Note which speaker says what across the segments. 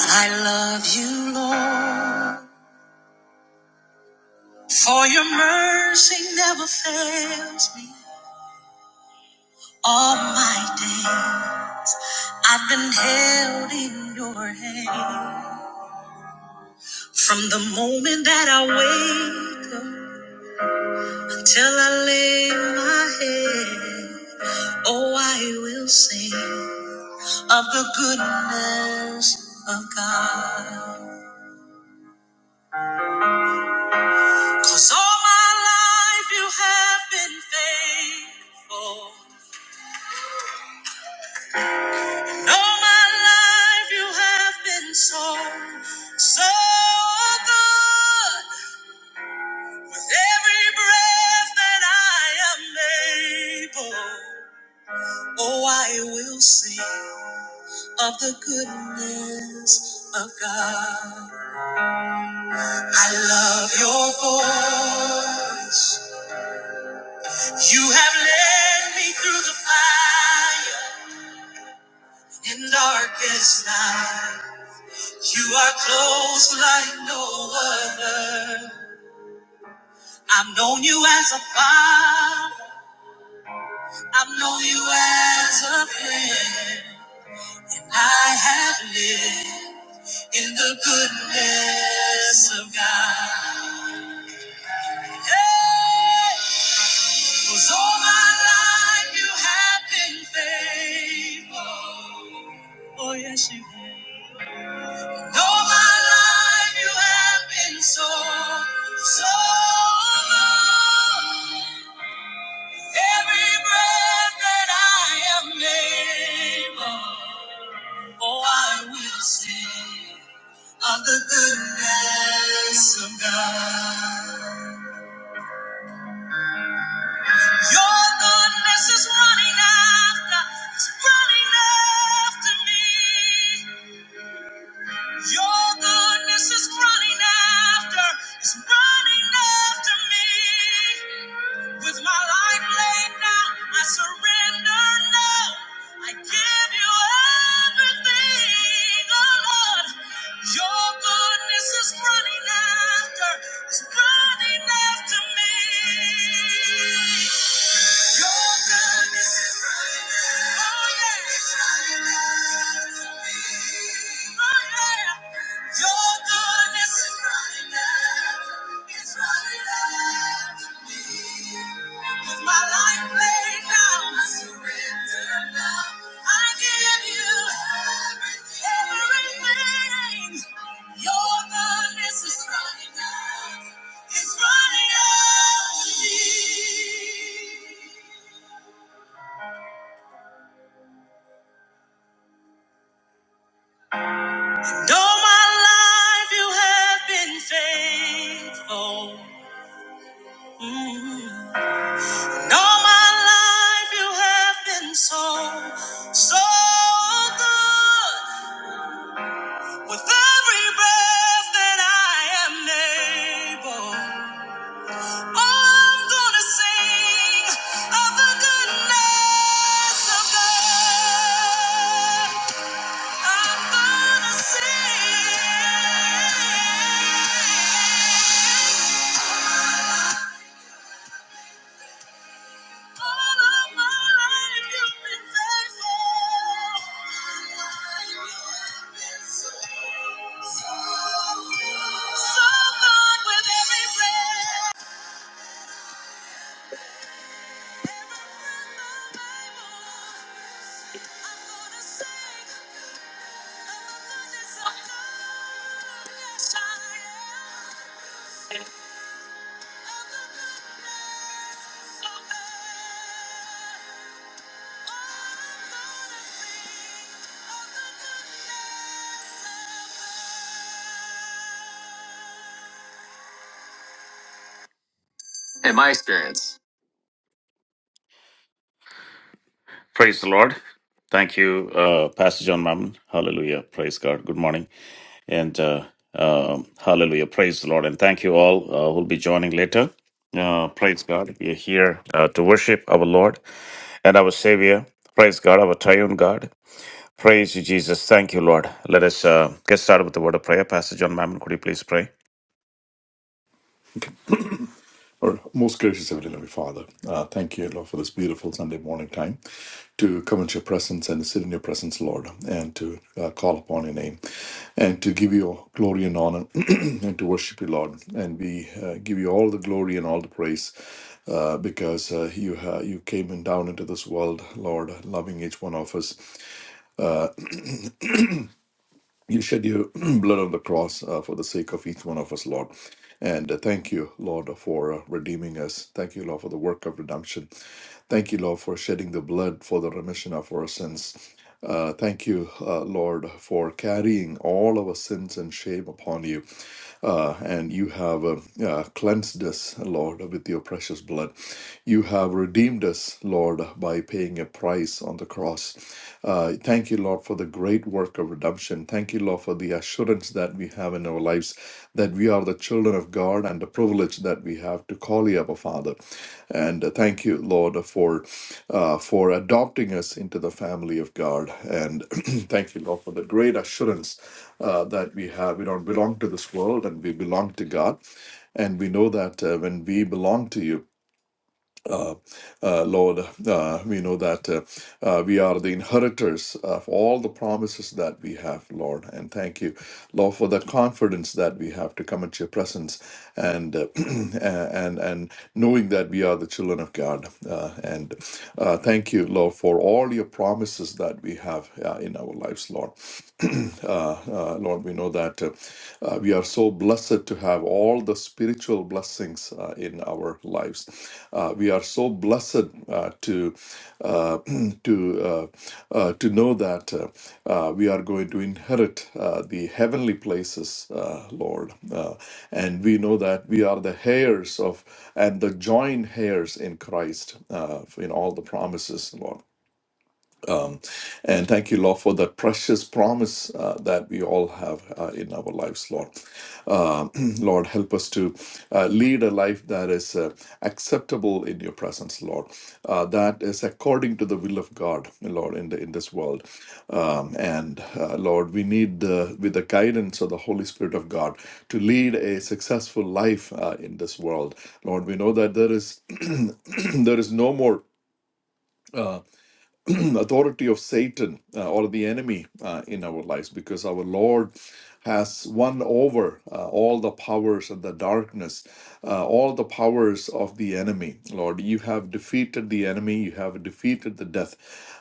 Speaker 1: I love you, Lord, for your mercy never fails me. All my day, I've been held in your hand. From the moment that I wake up till I lay my head, oh, I will sing of the goodness of God, 'cause all my life you have been faithful. All my life you have been so, so good. With every breath that I am able, oh, I will sing of the goodness of God. I love your voice. You have led me through the fire in darkest night. You are close like no other. I've known you as a father. I've known you as a friend. I have lived in the goodness of God. Yeah, 'cause all my life you have been faithful. Oh, yes, you have. All my life you have been so, so good. Every breath that I am able, oh, I will sing of the goodness of God. Your goodness is running after, it's running after me. Your goodness is running after, it's running after me. With my life laid down, I surrender now. I give you everything, oh Lord. Your goodness is running after, is running after me. Your goodness is running out. Oh, yeah. It's running out for me. Oh, yeah. Your goodness is running out. It's running out for me. With my life laid down, I surrender now. I give you everything. Your goodness is running out. It's running out for me. All my life you have been faithful. Mm. And all my life you have been so, so good. With every breath that I am able, I'm gonna sing of the goodness of God. I'm gonna sing. Praise the Lord. Thank you, uh, Pastor John Mammon. Hallelujah. Praise God. Good morning. And uh, um hallelujah. Praise the Lord. And thank you all uh, who'll be joining later. Uh, praise God. We are here uh, to worship our Lord and our Savior. Praise God, our triune God. Praise you, Jesus. Thank you, Lord. Let us uh, get started with the word of prayer. Pastor John Mammon, could you please pray?
Speaker 2: Our most gracious Heavenly Loving Father, uh, thank you, Lord, for this beautiful Sunday morning time to come into your presence and sit in your presence, Lord, and to uh, call upon your name and to give you glory and honor and to worship you, Lord. And we uh, give you all the glory and all the praise uh, because uh, you, uh, you came and down into this world, Lord, loving each one of us. You shed your blood on the cross uh, for the sake of each one of us, Lord. And uh, thank you, Lord, for uh, redeeming us. Thank you, Lord, for the work of redemption. Thank you, Lord, for shedding the blood for the remission of our sins. Uh, thank you, uh, Lord, for carrying all our sins and shame upon you uh, and you have uh, uh, cleansed us, Lord, with your precious blood. You have redeemed us, Lord, by paying a price on the cross. Uh, thank you, Lord, for the great work of redemption. Thank you, Lord, for the assurance that we have in our lives that we are the children of God and the privilege privilege that we have to call you Abba Father. And uh, thank you, Lord, for uh, for adopting us into the family of God. And thank you, Lord, for the great assurance uh, that we have. We don't belong to this world, and we belong to God. And we know that uh, when we belong to you, uh, uh, Lord. Uh, we know that uh, uh, we are the inheritors of all the promises that we have, Lord. And thank you, Lord, for the confidence that we have to come at your presence and uh, and and knowing that we are the children of God. Uh, and uh, thank you, Lord, for all your promises that we have uh, in our lives, Lord. uh, uh, Lord, we know that uh, uh, we are so blessed to have all the spiritual blessings uh, in our lives. Uh, we are so blessed uh, to uh, to uh, uh, to know that uh, uh, we are going to inherit uh, the heavenly places, uh, Lord, uh, and we know that we are the heirs of and the joint heirs in Christ uh, in all the promises, Lord. Um, and thank you, Lord, for that precious promise uh, that we all have uh, in our lives, Lord. Um Lord, help us to uh, lead a life that is uh, acceptable in your presence, Lord. Uh, that is according to the will of God, Lord, in the in this world. Um, and uh, Lord, we need the, with the guidance of the Holy Spirit of God to lead a successful life uh, in this world, Lord. We know that there is there is no more. Uh, authority of Satan uh, or the enemy uh, in our lives because our Lord has won over uh, all the powers of the darkness, uh, all the powers of the enemy. Lord, you have defeated the enemy, you have defeated the death.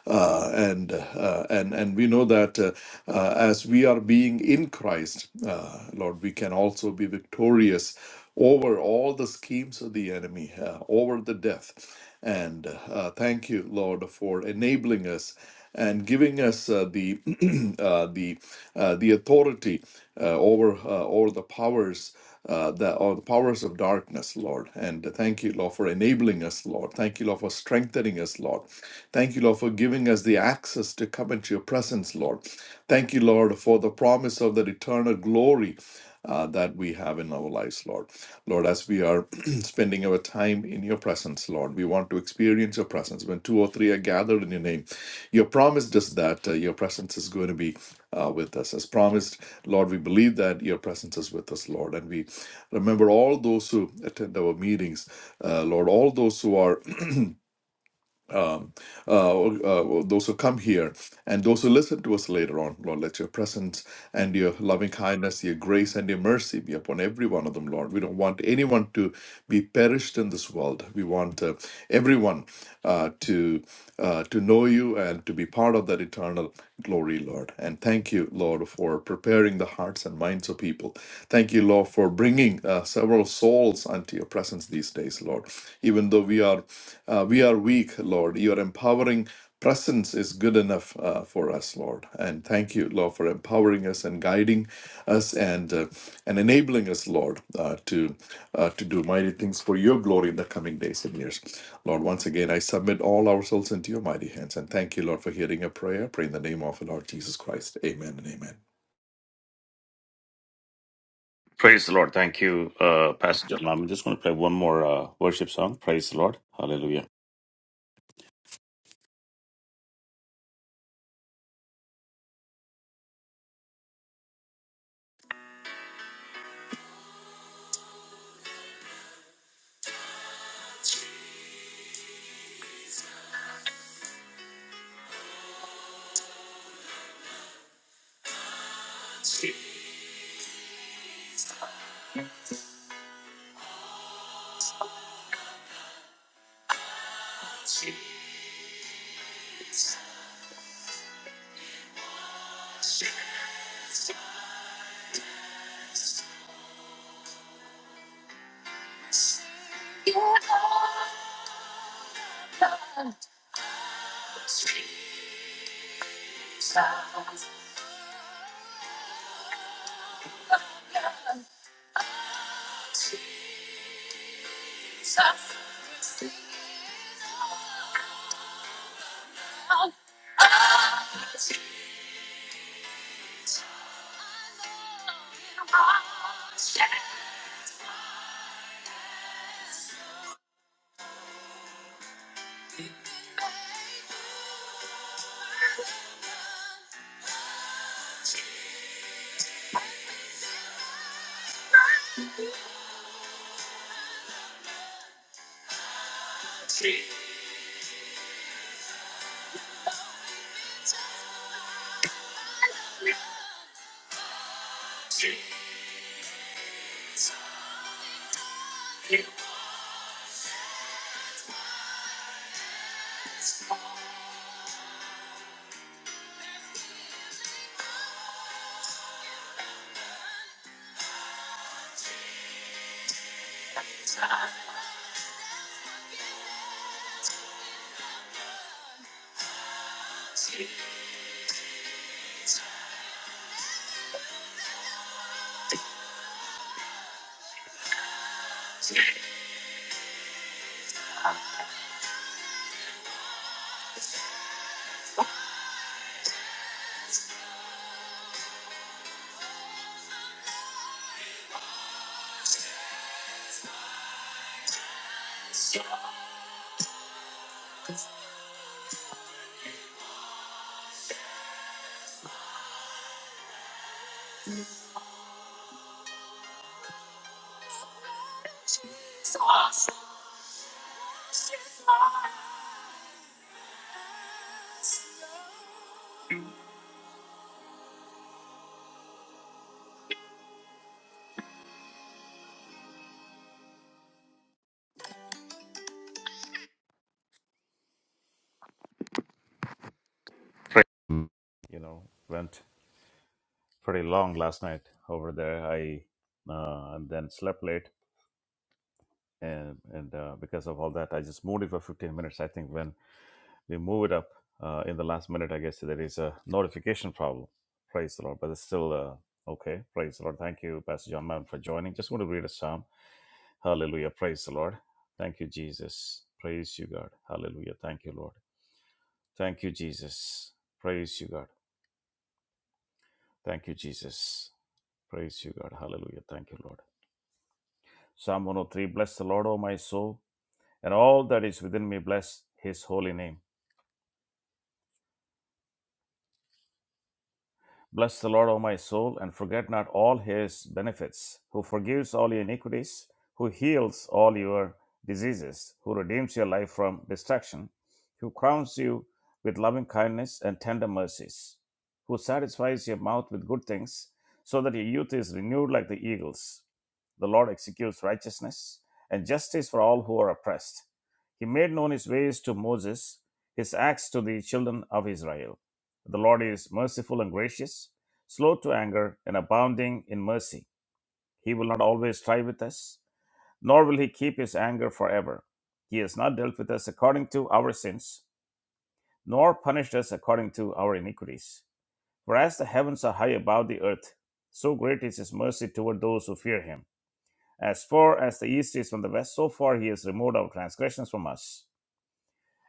Speaker 2: Uh, and uh, and and we know that uh, uh, as we are being in Christ, uh, Lord, we can also be victorious over all the schemes of the enemy, uh, over the death. And uh, thank you, Lord, for enabling us and giving us uh, the uh, the uh, the authority uh, over uh, over the powers. Uh, the or the powers of darkness, Lord, and thank you, Lord, for enabling us, Lord. Thank you, Lord, for strengthening us, Lord. Thank you, Lord, for giving us the access to come into your presence, Lord. Thank you, Lord, for the promise of that eternal glory uh, that we have in our lives, Lord. Lord, as we are spending our time in your presence, Lord, we want to experience your presence. When two or three are gathered in your name, your promise is that uh, your presence is going to be uh, with us. As promised, Lord, we believe that your presence is with us, Lord. And we remember all those who attend our meetings, uh, Lord, all those who are um, uh, uh, those who come here and those who listen to us later on, Lord, let your presence and your loving kindness, your grace and your mercy be upon every one of them, Lord. We don't want anyone to be perished in this world. We want uh, everyone uh, to uh, to know you and to be part of that eternal glory, Lord. God. And thank you, Lord, for preparing the hearts and minds of people. Thank you, Lord, for bringing uh, several souls unto your presence these days, Lord. Even though we are uh, we are weak, Lord, your empowering presence is good enough uh, for us, Lord. And thank you, Lord, for empowering us and guiding us and uh, and enabling us, Lord, uh, to uh, to do mighty things for your glory in the coming days and years. Lord, once again, I submit all ourselves into your mighty hands and thank you, Lord, for hearing a prayer. Pray in the name of the Lord Jesus Christ. Amen and amen.
Speaker 1: Praise the Lord. Thank you, uh, Pastor John Mammon. Just going to play one more uh, worship song. Praise the Lord. Hallelujah. Praise. You know, went pretty long last night over there. I uh, and then slept late, and and uh, because of all that, I just moved it for 15 minutes. I think when we move it up uh, in the last minute. I guess so there is a notification problem. Praise the Lord, but it's still uh, okay. Praise the Lord. Thank you, Pastor John Madden, for joining. Just want to read a psalm. Hallelujah. Praise the Lord. Thank you, Jesus. Praise you, God. Hallelujah. Thank you, Lord. Thank you, Jesus. Praise you, God. Thank you, Jesus. Praise you, God. Hallelujah. Thank you, Lord. Psalm 103 Bless the Lord, O my soul, and all that is within me, bless his holy name. Bless the Lord, O my soul, and forget not all his benefits, who forgives all your iniquities, who heals all your diseases, who redeems your life from destruction, who crowns you with loving kindness and tender mercies, who satisfies your mouth with good things, so that your youth is renewed like the eagles. The Lord executes righteousness and justice for all who are oppressed. He made known his ways to Moses, his acts to the children of Israel. The Lord is merciful and gracious, slow to anger, and abounding in mercy. He will not always strive with us, nor will he keep his anger forever. He has not dealt with us according to our sins, nor punished us according to our iniquities. For as the heavens are high above the earth, so great is his mercy toward those who fear him. As far as the east is from the west, so far he has removed our transgressions from us.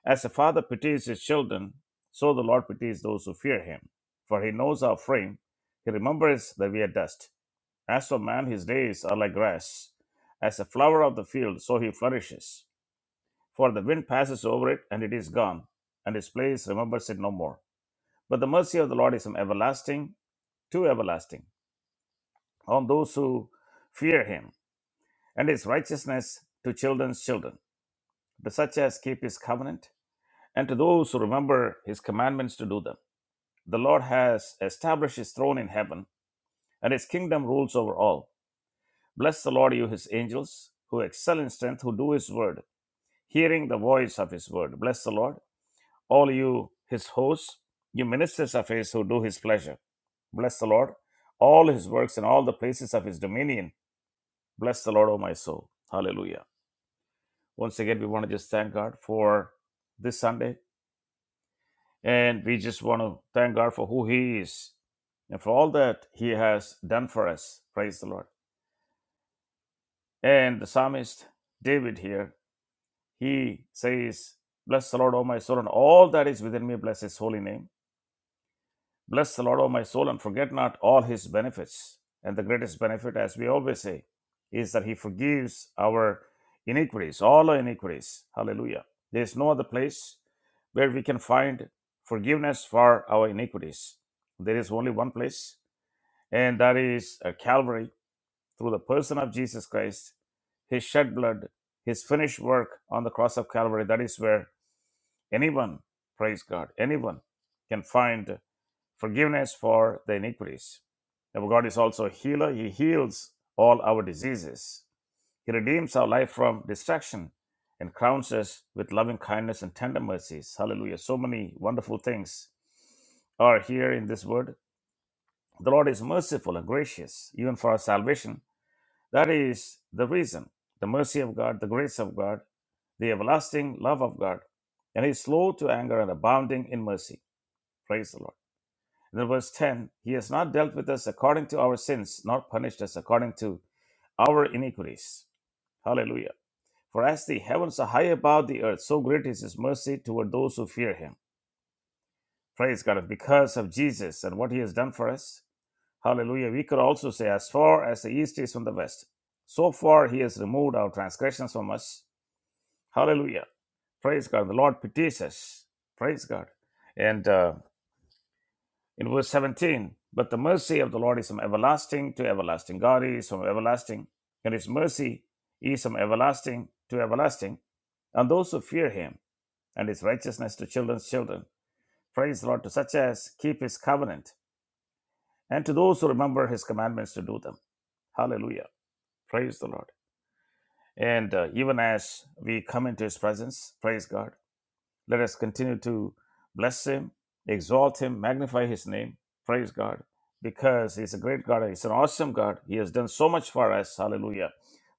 Speaker 1: As a father pities his children, so the Lord pities those who fear him. For he knows our frame, he remembers that we are dust. As for man, his days are like grass. As a flower of the field, so he flourishes. For the wind passes over it, and it is gone, and his place remembers it no more. But the mercy of the Lord is from everlasting to everlasting on those who fear him, and his righteousness to children's children, to such as keep his covenant, and to those who remember his commandments to do them. The Lord has established his throne in heaven, and his kingdom rules over all. Bless the Lord, you his angels, who excel in strength, who do his word, hearing the voice of his word. Bless the Lord, all you his hosts, you ministers of his who do his pleasure. Bless the Lord, all his works and all the places of his dominion. Bless the Lord, O my soul. Hallelujah. Once again, we want to just thank God for this Sunday And we just want to thank God for who He is and for all that He has done for us. Praise the Lord. And the psalmist David here, he says, Bless the Lord, O my soul, and all that is within me, bless His holy name. Bless the Lord, O my soul, and forget not all his benefits. And the greatest benefit, as we always say, is that he forgives our iniquities, all our iniquities. Hallelujah. There is no other place where we can find forgiveness for our iniquities. There is only one place, and that is at Calvary through the person of Jesus Christ, his shed blood, his finished work on the cross of Calvary. That is where anyone, praise God, anyone can find forgiveness for the iniquities. Our God is also a healer. He heals all our diseases. He redeems our life from destruction and crowns us with loving kindness and tender mercies. Hallelujah. So many wonderful things are here in this word. The Lord is merciful and gracious, even for our salvation. That is the reason. The mercy of God, the grace of God, the everlasting love of God, and He is slow to anger and abounding in mercy. Praise the Lord. And then verse 10 He has not dealt with us according to our sins, nor punished us according to our iniquities. Hallelujah. For as the heavens are high above the earth, so great is his mercy toward those who fear him. Praise God. And Because of Jesus and what he has done for us. Hallelujah. We could also say, as far as the east is from the west, so far he has removed our transgressions from us. Hallelujah. Praise God. The Lord pities us. Praise God. And uh, In verse 17, but the mercy of the Lord is from everlasting to everlasting. God is from everlasting, and his mercy is from everlasting to everlasting, and those who fear him, and his righteousness to children's children. Praise the Lord to such as keep his covenant, and to those who remember his commandments to do them. Hallelujah. Praise the Lord. And uh, even as we come into his presence, praise God. Let us continue to bless him, exalt him, magnify his name. Praise God. Because he's a great God. He's an awesome God. He has done so much for us. Hallelujah.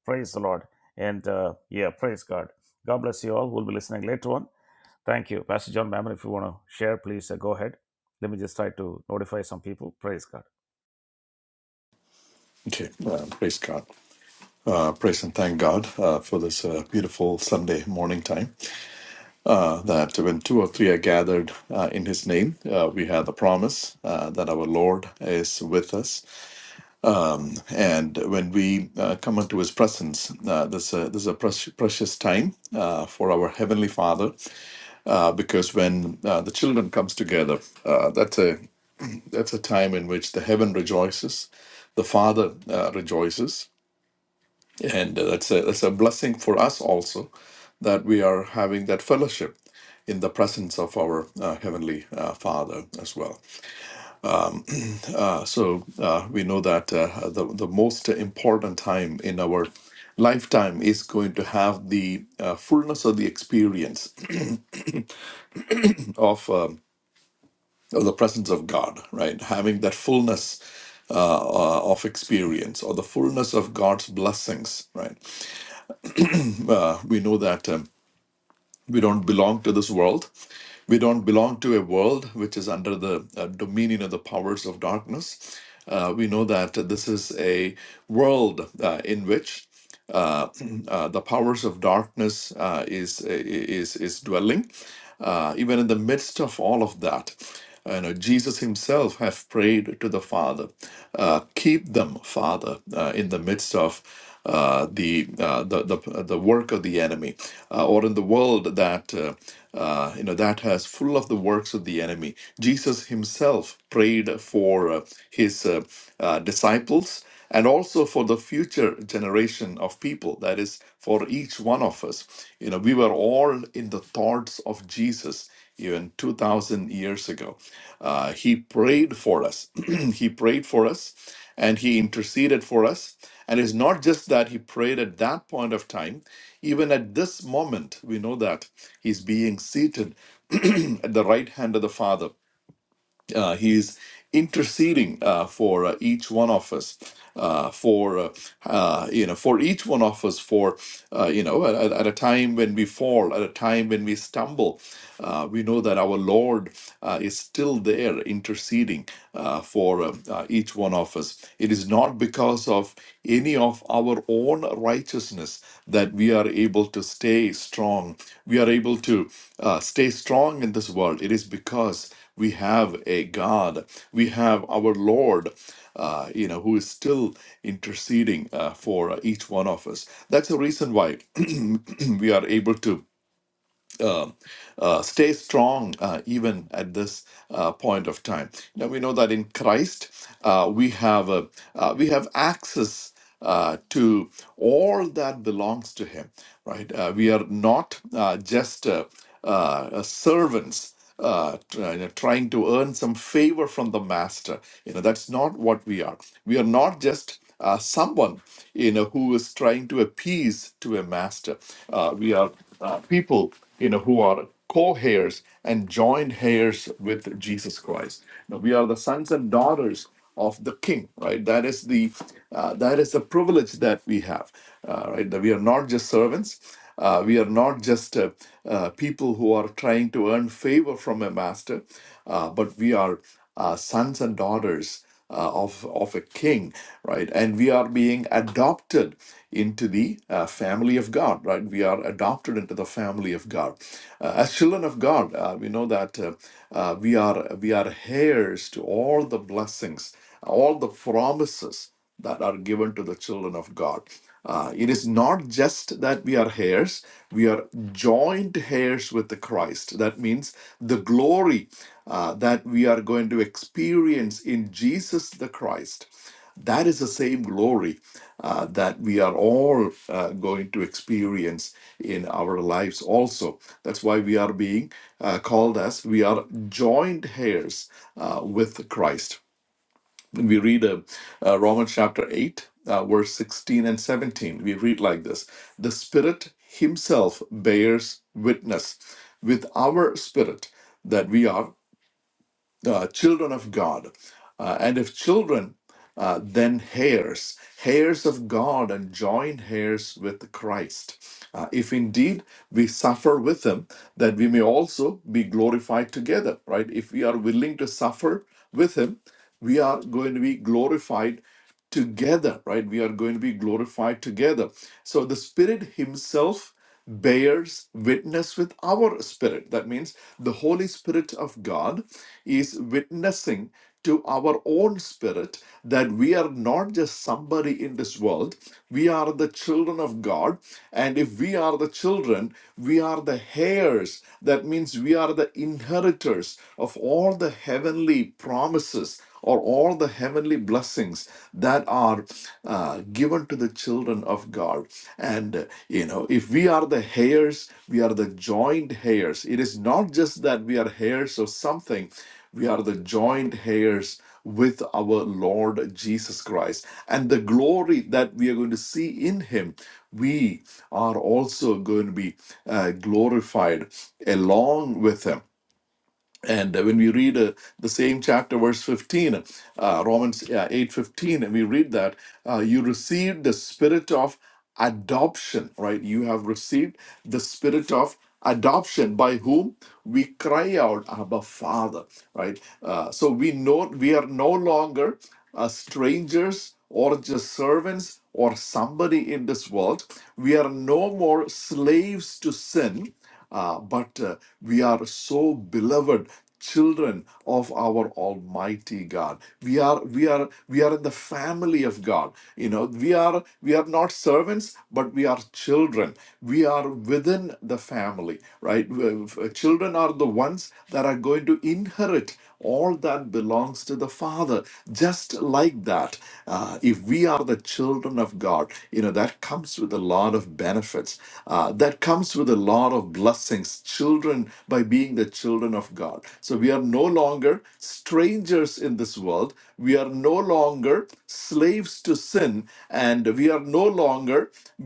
Speaker 1: Praise the Lord. And uh, yeah, praise God. God bless you all. We'll be listening later on. Thank you. Pastor John Mammon, if you want to share, please uh, go ahead. Let me just try to notify some people. Praise God.
Speaker 2: Okay, uh, praise God. Uh, praise and thank God uh, for this uh, beautiful Sunday morning time. Uh, that when two or three are gathered uh, in His name, uh, we have the promise uh, that our Lord is with us. And when we uh, come into His presence, uh, this, uh, this is a precious precious time uh, for our Heavenly Father uh, because when uh, the children comes together, uh, that's a that's a time in which the heaven rejoices, the Father uh, rejoices, and uh, that's a that's a blessing for us also that we are having that fellowship in the presence of our uh, heavenly uh, Father as well. Uh, so uh, we know that uh, the the most important time in our lifetime is going to have the uh, fullness of the experience of. um of the presence of God, right? Having that fullness uh, of experience or the fullness of God's blessings, right? Uh, we know that. Um, we don't belong to this world. We don't belong to a world which is under the uh, dominion of the powers of darkness. Uh, we know that this is a world uh, in which uh, uh, the powers of darkness uh, is is is dwelling. Uh, even in the midst of all of that, you know, Jesus Himself have prayed to the Father, uh, keep them, Father, uh, in the midst of uh, the, uh, the the the work of the enemy, uh, or in the world that uh, uh, you know that has full of the works of the enemy. Jesus himself prayed for uh, his uh, uh, disciples and also for the future generation of people that is for each one of us you know we were all in the thoughts of jesus even 2000 years ago uh, he prayed for us he prayed for us and he interceded for us. And it's not just that he prayed at that point of time, even at this moment, we know that he's being seated at the right hand of the Father uh, he is interceding uh, for uh, each one of us uh, for uh, uh, you know for each one of us for uh, you know at, at a time when we fall at a time when we stumble uh, we know that our lord uh, is still there interceding uh, for uh, uh, each one of us it is not because of any of our own righteousness that we are able to stay strong we are able to uh, stay strong in this world it is because we have a God, we have our Lord, uh, you know, who is still interceding uh, for uh, each one of us. That's the reason why we are able to uh, uh, stay strong uh, even at this uh, point of time. Now we know that in Christ uh, we have a, uh, we have access. Uh, to all that belongs to him, right? Uh, we are not uh, just uh, uh, servants uh, trying to earn some favor from the master. You know, that's not what we are. We are not just uh, someone you know who is trying to appease to a master. Uh, we are uh, people you know who are co-heirs and joint heirs with Jesus Christ. Now, we are the sons and daughters of the king right that is the uh, that is the privilege that we have uh, right that we are not just servants uh, we are not just uh, uh, people who are trying to earn favor from a master uh, but we are uh, sons and daughters uh, of of a king, right? And we are being adopted into the uh, family of God, right? We are adopted into the family of God. Uh, as children of God, uh, we know that uh, uh, we are we are heirs to all the blessings, all the promises that are given to the children of God. Uh, it is not just that we are heirs, we are joint heirs with the Christ. That means the glory uh, that we are going to experience in Jesus the Christ. That is the same glory uh, that we are all uh, going to experience in our lives also. That's why we are being uh, called as we are joint heirs uh, with Christ we read uh, uh, Romans chapter 8, uh, verse 16 and 17. We read like this The Spirit Himself bears witness with our spirit that we are uh, children of God. Uh, and if children, uh, then heirs, heirs of God and joint heirs with Christ. Uh, if indeed we suffer with him, that we may also be glorified together, right? If we are willing to suffer with him, we are going to be glorified together, right? We are going to be glorified together. So the Spirit Himself bears witness with our spirit. That means the Holy Spirit of God is witnessing to our own spirit that we are not just somebody in this world, we are the children of God. And if we are the children, we are the heirs. That means we are the inheritors of all the heavenly promises or all the heavenly blessings that are uh, given to the children of God. And, uh, you know, if we are the heirs, we are the joint heirs. It is not just that we are heirs of something, we are the joint heirs with our Lord Jesus Christ. And the glory that we are going to see in Him, we are also going to be uh, glorified along with Him and uh, when we read uh, the same chapter, verse 15, uh, Romans uh, 8 fifteen, and we read that uh, you received the spirit of adoption, right? You have received the spirit of adoption by whom we cry out, Abba, Father, right? Uh, so we know we are no longer uh, strangers or just servants or somebody in this world. We are no more slaves to sin, uh, but uh, we are so beloved children of our almighty god we are we are we are in the family of god you know we are we are not servants but we are children we are within the family right Uh, children are the ones that are going to inherit all all that belongs to the Father. Just like that, uh, if we are the children of God, you know, that comes with a lot of benefits. Uh, that comes with a lot of blessings, children, by being the children of God. So we are no longer strangers in this world. We are no longer slaves to sin, and we are no longer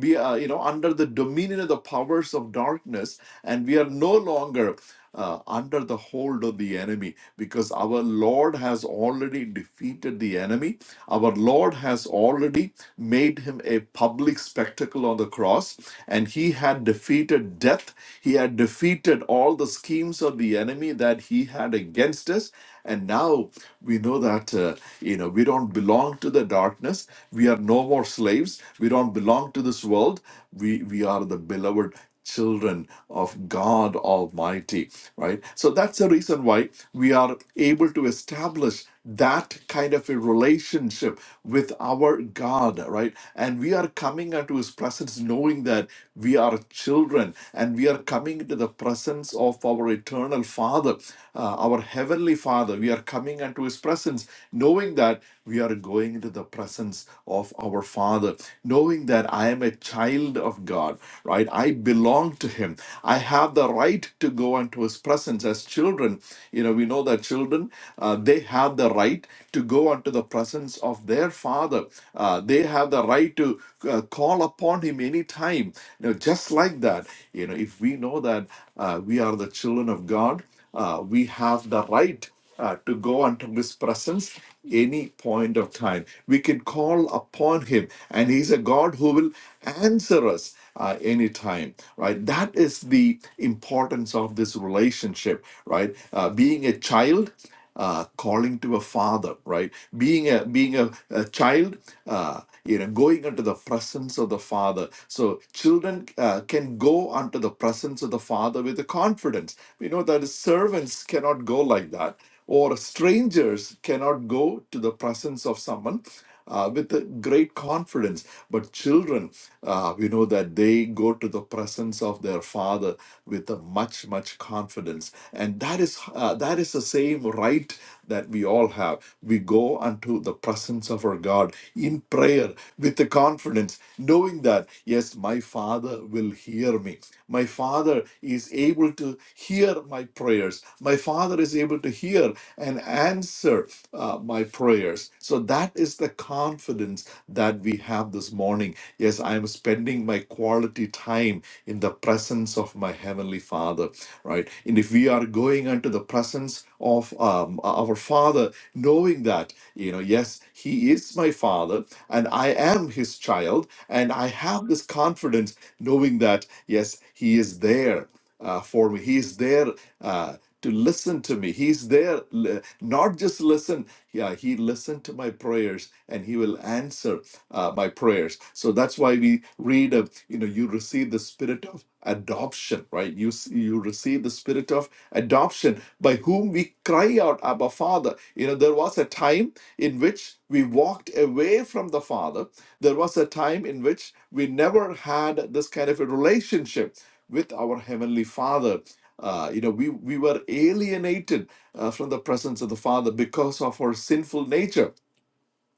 Speaker 2: be uh, you know under the dominion of the powers of darkness and we are no longer uh, under the hold of the enemy because our Lord has already defeated the enemy. Our Lord has already made him a public spectacle on the cross, and he had defeated death. He had defeated all the schemes of the enemy that he had against us. And now we know that uh, you know we don't belong to the darkness. We are no more slaves. We don't belong to this world. We we are the beloved children of God Almighty, right? So that's the reason why we are able to establish that kind of a relationship with our God, right? And we are coming into His presence knowing that we are children and we are coming into the presence of our eternal Father, uh, our Heavenly Father. We are coming into His presence knowing that we are going into the presence of our Father, knowing that I am a a child of God, right? I belong to Him. I have the right to go into His presence. As children, you know, we know that children, uh, they have the right to go unto the presence of their Father. Uh, they have the right to uh, call upon Him anytime. You know, just like that, you know, if we know that uh, we are the children of God, uh, we have the right uh, to go unto his presence any point of time. We can call upon him, and he's a God who will answer us uh, anytime, right? That is the importance of this relationship, right? Uh, being a child uh, calling to a father, right? Being a being a, a child, uh, you know, going unto the presence of the father. So children uh, can go unto the presence of the father with the confidence. We know that servants cannot go like that, or strangers cannot go to the presence of someone uh, with a great confidence. But children, uh, we know that they go to the presence of their father with a much, much confidence, and that is uh, that is the same right that we all have. We go unto the presence of our God in prayer with the confidence, knowing that yes, my Father will hear me. My Father is able to hear my prayers. My Father is able to hear and answer uh, my prayers. So that is the confidence that we have this morning. Yes, I am spending my quality time in the presence of my Heavenly Father, right? And if we are going unto the presence of um, our Father, knowing that, you know, yes, He is my Father and I am His child, and I have this confidence knowing that, yes, He is there uh, for me. He's there uh, to listen to me. He's there, li- not just listen. Yeah, he listened to my prayers, and he will answer uh, my prayers. So that's why we read, uh, you know, you receive the spirit of adoption, right? You s- you receive the spirit of adoption by whom we cry out, Abba, Father. You know, there was a time in which we walked away from the Father. There was a time in which we never had this kind of a relationship with our heavenly father uh, you know we we were alienated uh, from the presence of the father because of our sinful nature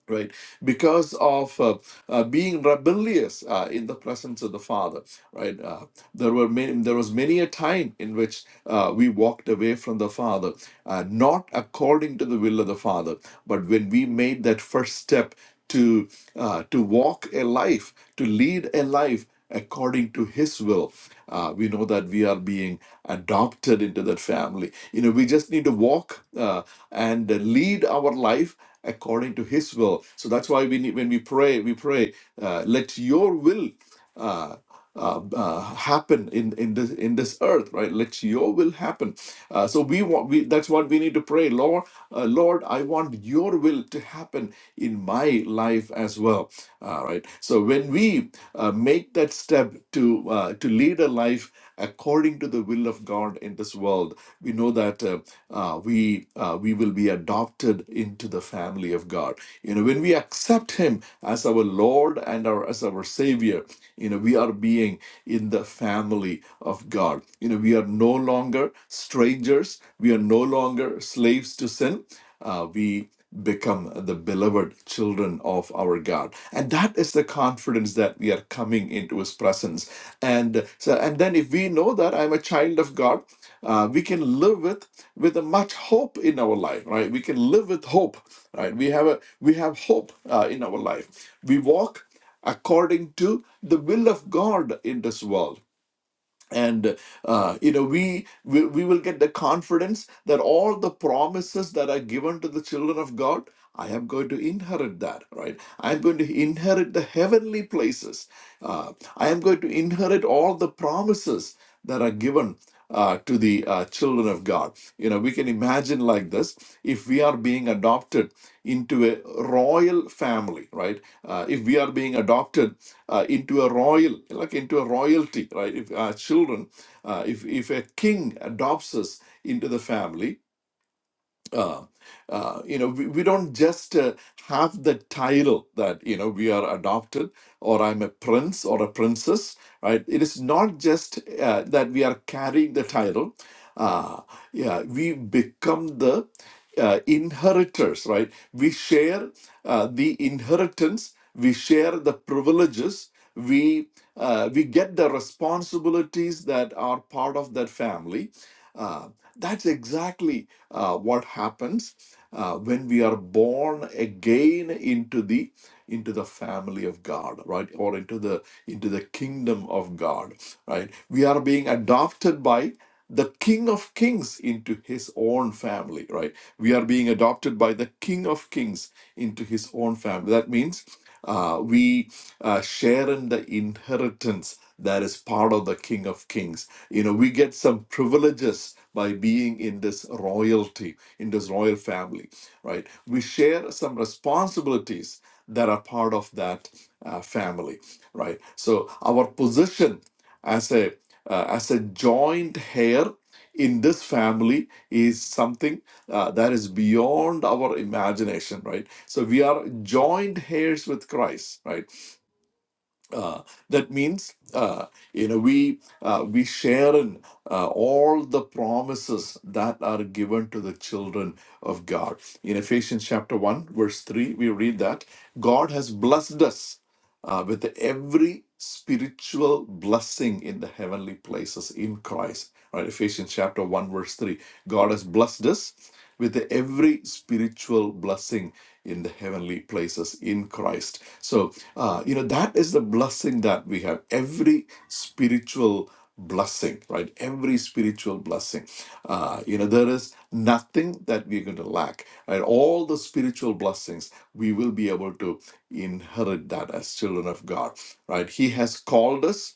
Speaker 2: right because of uh, uh, being rebellious uh, in the presence of the father right Uh, there were many, there was many a time in which uh, we walked away from the Father, uh, not according to the will of the Father, but when we made that first step to uh, to walk a life, to lead a life according to His will, uh, we know that we are being adopted into that family. You know, we just need to walk uh, and lead our life according to His will. So that's why we need when we pray, we pray, uh, let Your will. Uh, uh, uh, happen in in this in this earth, right? Let Your will happen. Uh, so we want we that's what we need to pray, Lord. Uh, Lord, I want Your will to happen in my life as well, uh, right? So when we uh, make that step to uh, to lead a life according to the will of God in this world. We know that uh, uh, we uh, we will be adopted into the family of God. You know, when we accept Him as our Lord and our as our Savior, you know, we are being in the family of God. You know, we are no longer strangers. We are no longer slaves to sin uh, we become the beloved children of our God. And that is the confidence that we are coming into his presence. And so and then if we know that I'm a child of God, uh, we can live with with a much hope in our life, right? We can live with hope, right? We have a we have hope uh, in our life. We walk according to the will of God in this world and uh, you know we, we we will get the confidence that all the promises that are given to the children of god i am going to inherit that right i am going to inherit the heavenly places uh, i am going to inherit all the promises that are given uh, to the uh, children of god you know we can imagine like this if we are being adopted into a royal family, right? Uh, if we are being adopted uh, into a royal, like into a royalty, right? If our children, uh, if, if a king adopts us into the family, uh, uh, you know, we, we don't just uh, have the title that, you know, we are adopted or I'm a prince or a princess, right? It is not just uh, that we are carrying the title. Uh, yeah, we become the uh, inheritors, right? We share uh, the inheritance, we share the privileges, we uh, we get the responsibilities that are part of that family. Uh, that's exactly uh, what happens uh, when we are born again into the into the family of God, right, or into the into the kingdom of God, right? We are being adopted by the King of Kings into His own family, right? We are being adopted by the King of Kings into his own family. That means uh, we uh, share in the inheritance that is part of the King of Kings. You know, we get some privileges by being in this royalty, in this royal family, right? We share some responsibilities that are part of that uh, family, right? So our position as a uh, as a joint heir in this family is something uh, that is beyond our imagination right so we are joined heirs with Christ, right? Uh, that means uh, you know we uh, we share in uh, all the promises that are given to the children of God. In Ephesians chapter one verse three, we read that God has blessed us uh, with every spiritual blessing in the heavenly places in Christ. Right, Ephesians chapter one verse three, God has blessed us with every spiritual blessing in the heavenly places in Christ. So uh, you know, that is the blessing that we have. Every spiritual blessing, right? Every spiritual blessing. Uh, you know, there is nothing that we're going to lack. And all the spiritual blessings, we will be able to inherit that as children of God, right? He has called us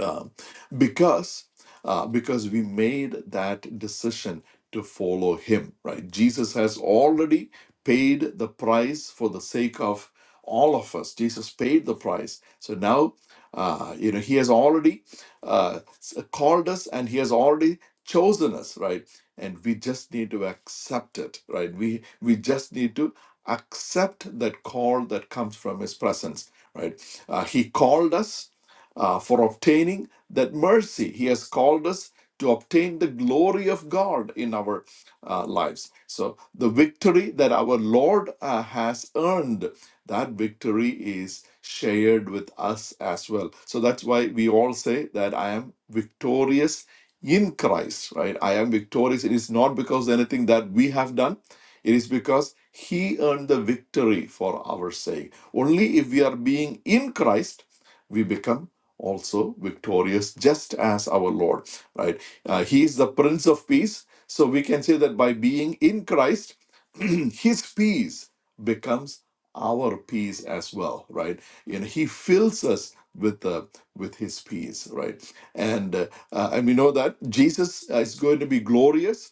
Speaker 2: um, because uh, because we made that decision to follow him right jesus has already paid the price for the sake of all of us jesus paid the price so now uh, you know he has already uh, s- called us and he has already chosen us right and we just need to accept it right we we just need to accept that call that comes from his presence right uh, he called us uh, for obtaining that mercy. He has called us to obtain the glory of God in our uh, lives. So, the victory that our Lord uh, has earned, that victory is shared with us as well. So, that's why we all say that I am victorious in Christ, right? I am victorious. It is not because of anything that we have done, it is because He earned the victory for our sake. Only if we are being in Christ, we become also victorious, just as our Lord, right? Uh, he is the Prince of Peace. So we can say that by being in Christ, his peace becomes our peace as well, right? You know, he fills us with uh, with his peace, right? And uh, uh, and we know that Jesus uh, is going to be glorious,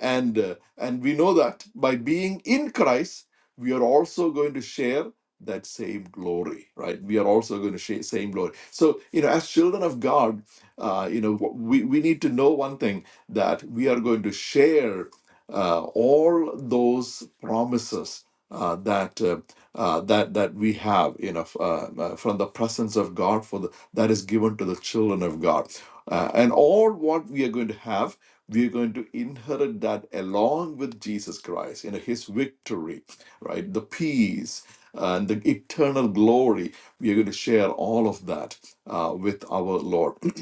Speaker 2: and uh, and we know that by being in Christ, we are also going to share that same glory, right? We are also going to share same glory. So, you know, as children of God, uh, you know, we, we need to know one thing that we are going to share uh, all those promises uh, that uh, uh, that that we have, you know, f- uh, uh, from the presence of God for the, that is given to the children of God, uh, and all what we are going to have. We are going to inherit that along with Jesus Christ, you know, His victory, right? The peace, and the eternal glory. We are going to share all of that uh, with our Lord.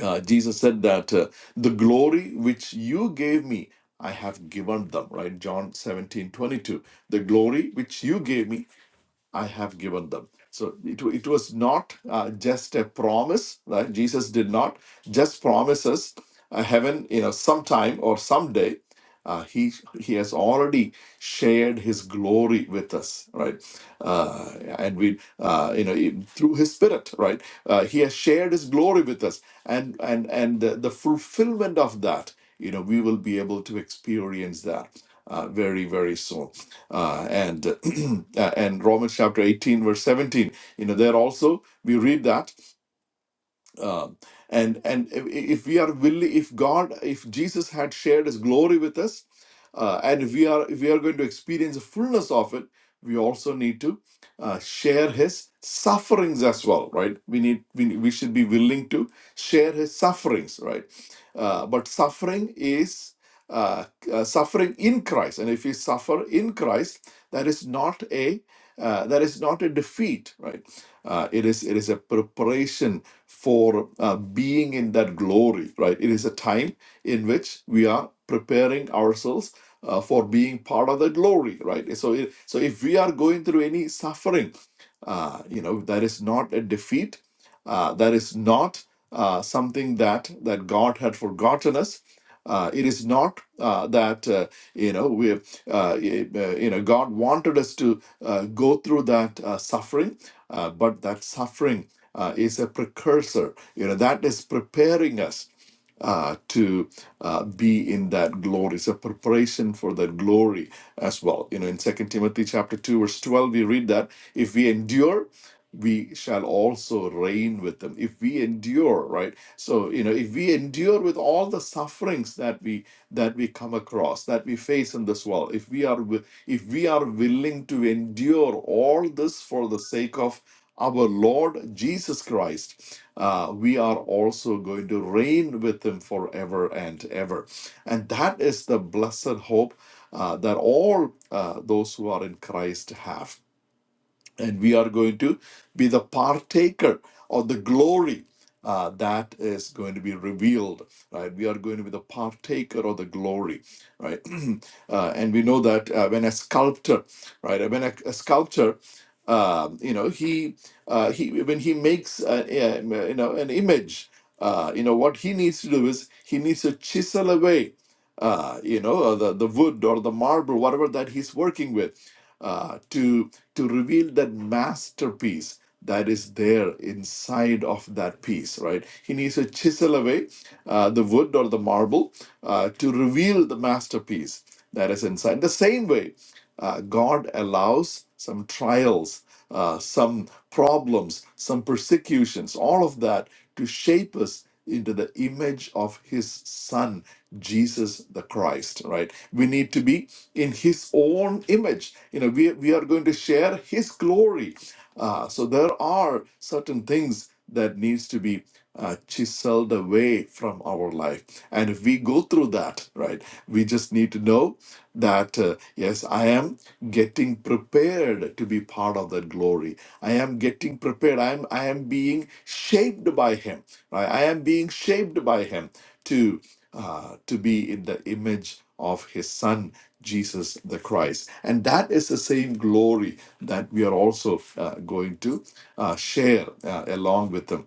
Speaker 2: Uh, Jesus said that uh, the glory which you gave me, I have given them, right? John 17 22. The glory which you gave me, I have given them. So it, it was not uh, just a promise, right? Jesus did not just promise us uh, heaven, you know, sometime or someday. Uh, he he has already shared his glory with us, right? Uh, and we, uh, you know, in- through his spirit, right? Uh, he has shared his glory with us, and and and the, the fulfillment of that, you know, we will be able to experience that uh, very very soon uh, and uh, and Romans chapter 18, verse 17, you know, there also we read that um, and and if if we are willing if god if jesus had shared his glory with us uh, and if we are if we are going to experience the fullness of it we also need to uh, share his sufferings as well right we need we, need- we should be willing to share his sufferings right uh, but suffering is uh, uh, suffering in christ and if we suffer in christ that is not a uh, that is not a defeat right uh, it is it is a preparation for uh, being in that glory, right? It is a time in which we are preparing ourselves uh, for being part of the glory, right? So it, so if we are going through any suffering, uh, you know that is not a defeat. Uh, that is not uh, something that that God had forgotten us. Uh, it is not uh, that. Uh, you know, we, uh, uh, you know, God wanted us to uh, go through that uh, suffering, uh, but that suffering uh, is a precursor. You know, that is preparing us uh, to uh, be in that glory. It's a preparation for that glory as well. You know, in Second Timothy chapter two, verse twelve, we read that if we endure we shall also reign with them if we endure right so you know if we endure with all the sufferings that we that we come across that we face in this world if we are if we are willing to endure all this for the sake of our lord jesus christ uh, we are also going to reign with him forever and ever and that is the blessed hope uh, that all uh, those who are in christ have and we are going to be the partaker of the glory uh, that is going to be revealed right we are going to be the partaker of the glory right uh, and we know that uh, when a sculptor right when a, a sculptor um, you know he uh, he when he makes a, a- you know an image uh, you know what he needs to do is he needs to chisel away uh, you know uh, the, the wood or the marble whatever that he's working with uh, to to reveal that masterpiece that is there inside of that piece, right? He needs to chisel away uh, the wood or the marble uh, to reveal the masterpiece that is inside. The same way, uh, God allows some trials, uh, some problems, some persecutions, all of that to shape us into the image of His Son, Jesus the Christ, right? We need to be in his own image you know we, we are going to share his glory Uh, so there are certain things that needs to be uh, chiseled away from our life and if we go through that right we just need to know that uh, yes i am getting prepared to be part of that glory i am getting prepared i am i am being shaped by him right? i am being shaped by him to uh, to be in the image of his son jesus the christ and that is the same glory that we are also uh, going to uh, share uh, along with them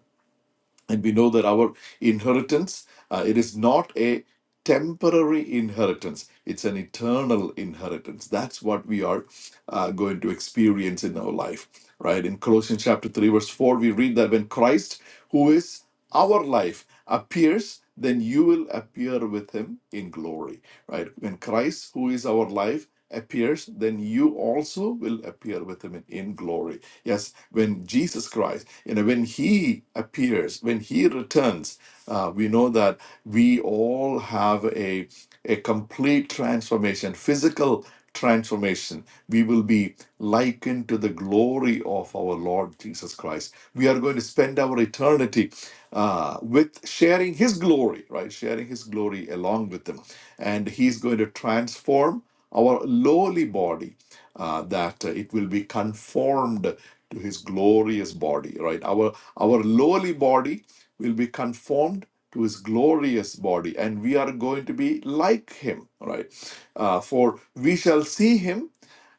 Speaker 2: and we know that our inheritance uh, it is not a temporary inheritance it's an eternal inheritance that's what we are uh, going to experience in our life right in colossians chapter 3 verse 4 we read that when christ who is our life appears then you will appear with him in glory right when christ who is our life appears then you also will appear with him in in glory yes when jesus christ you know, when He appears, when He returns, uh, we know that we all have a a complete transformation, physical transformation. We will be likened to the glory of our Lord Jesus Christ. We are going to spend our eternity uh, with sharing His glory, right? Sharing His glory along with Him, and He's going to transform our lowly body uh, that uh, it will be conformed to his glorious body right our our lowly body will be conformed to his glorious body and we are going to be like him right Uh, for we shall see him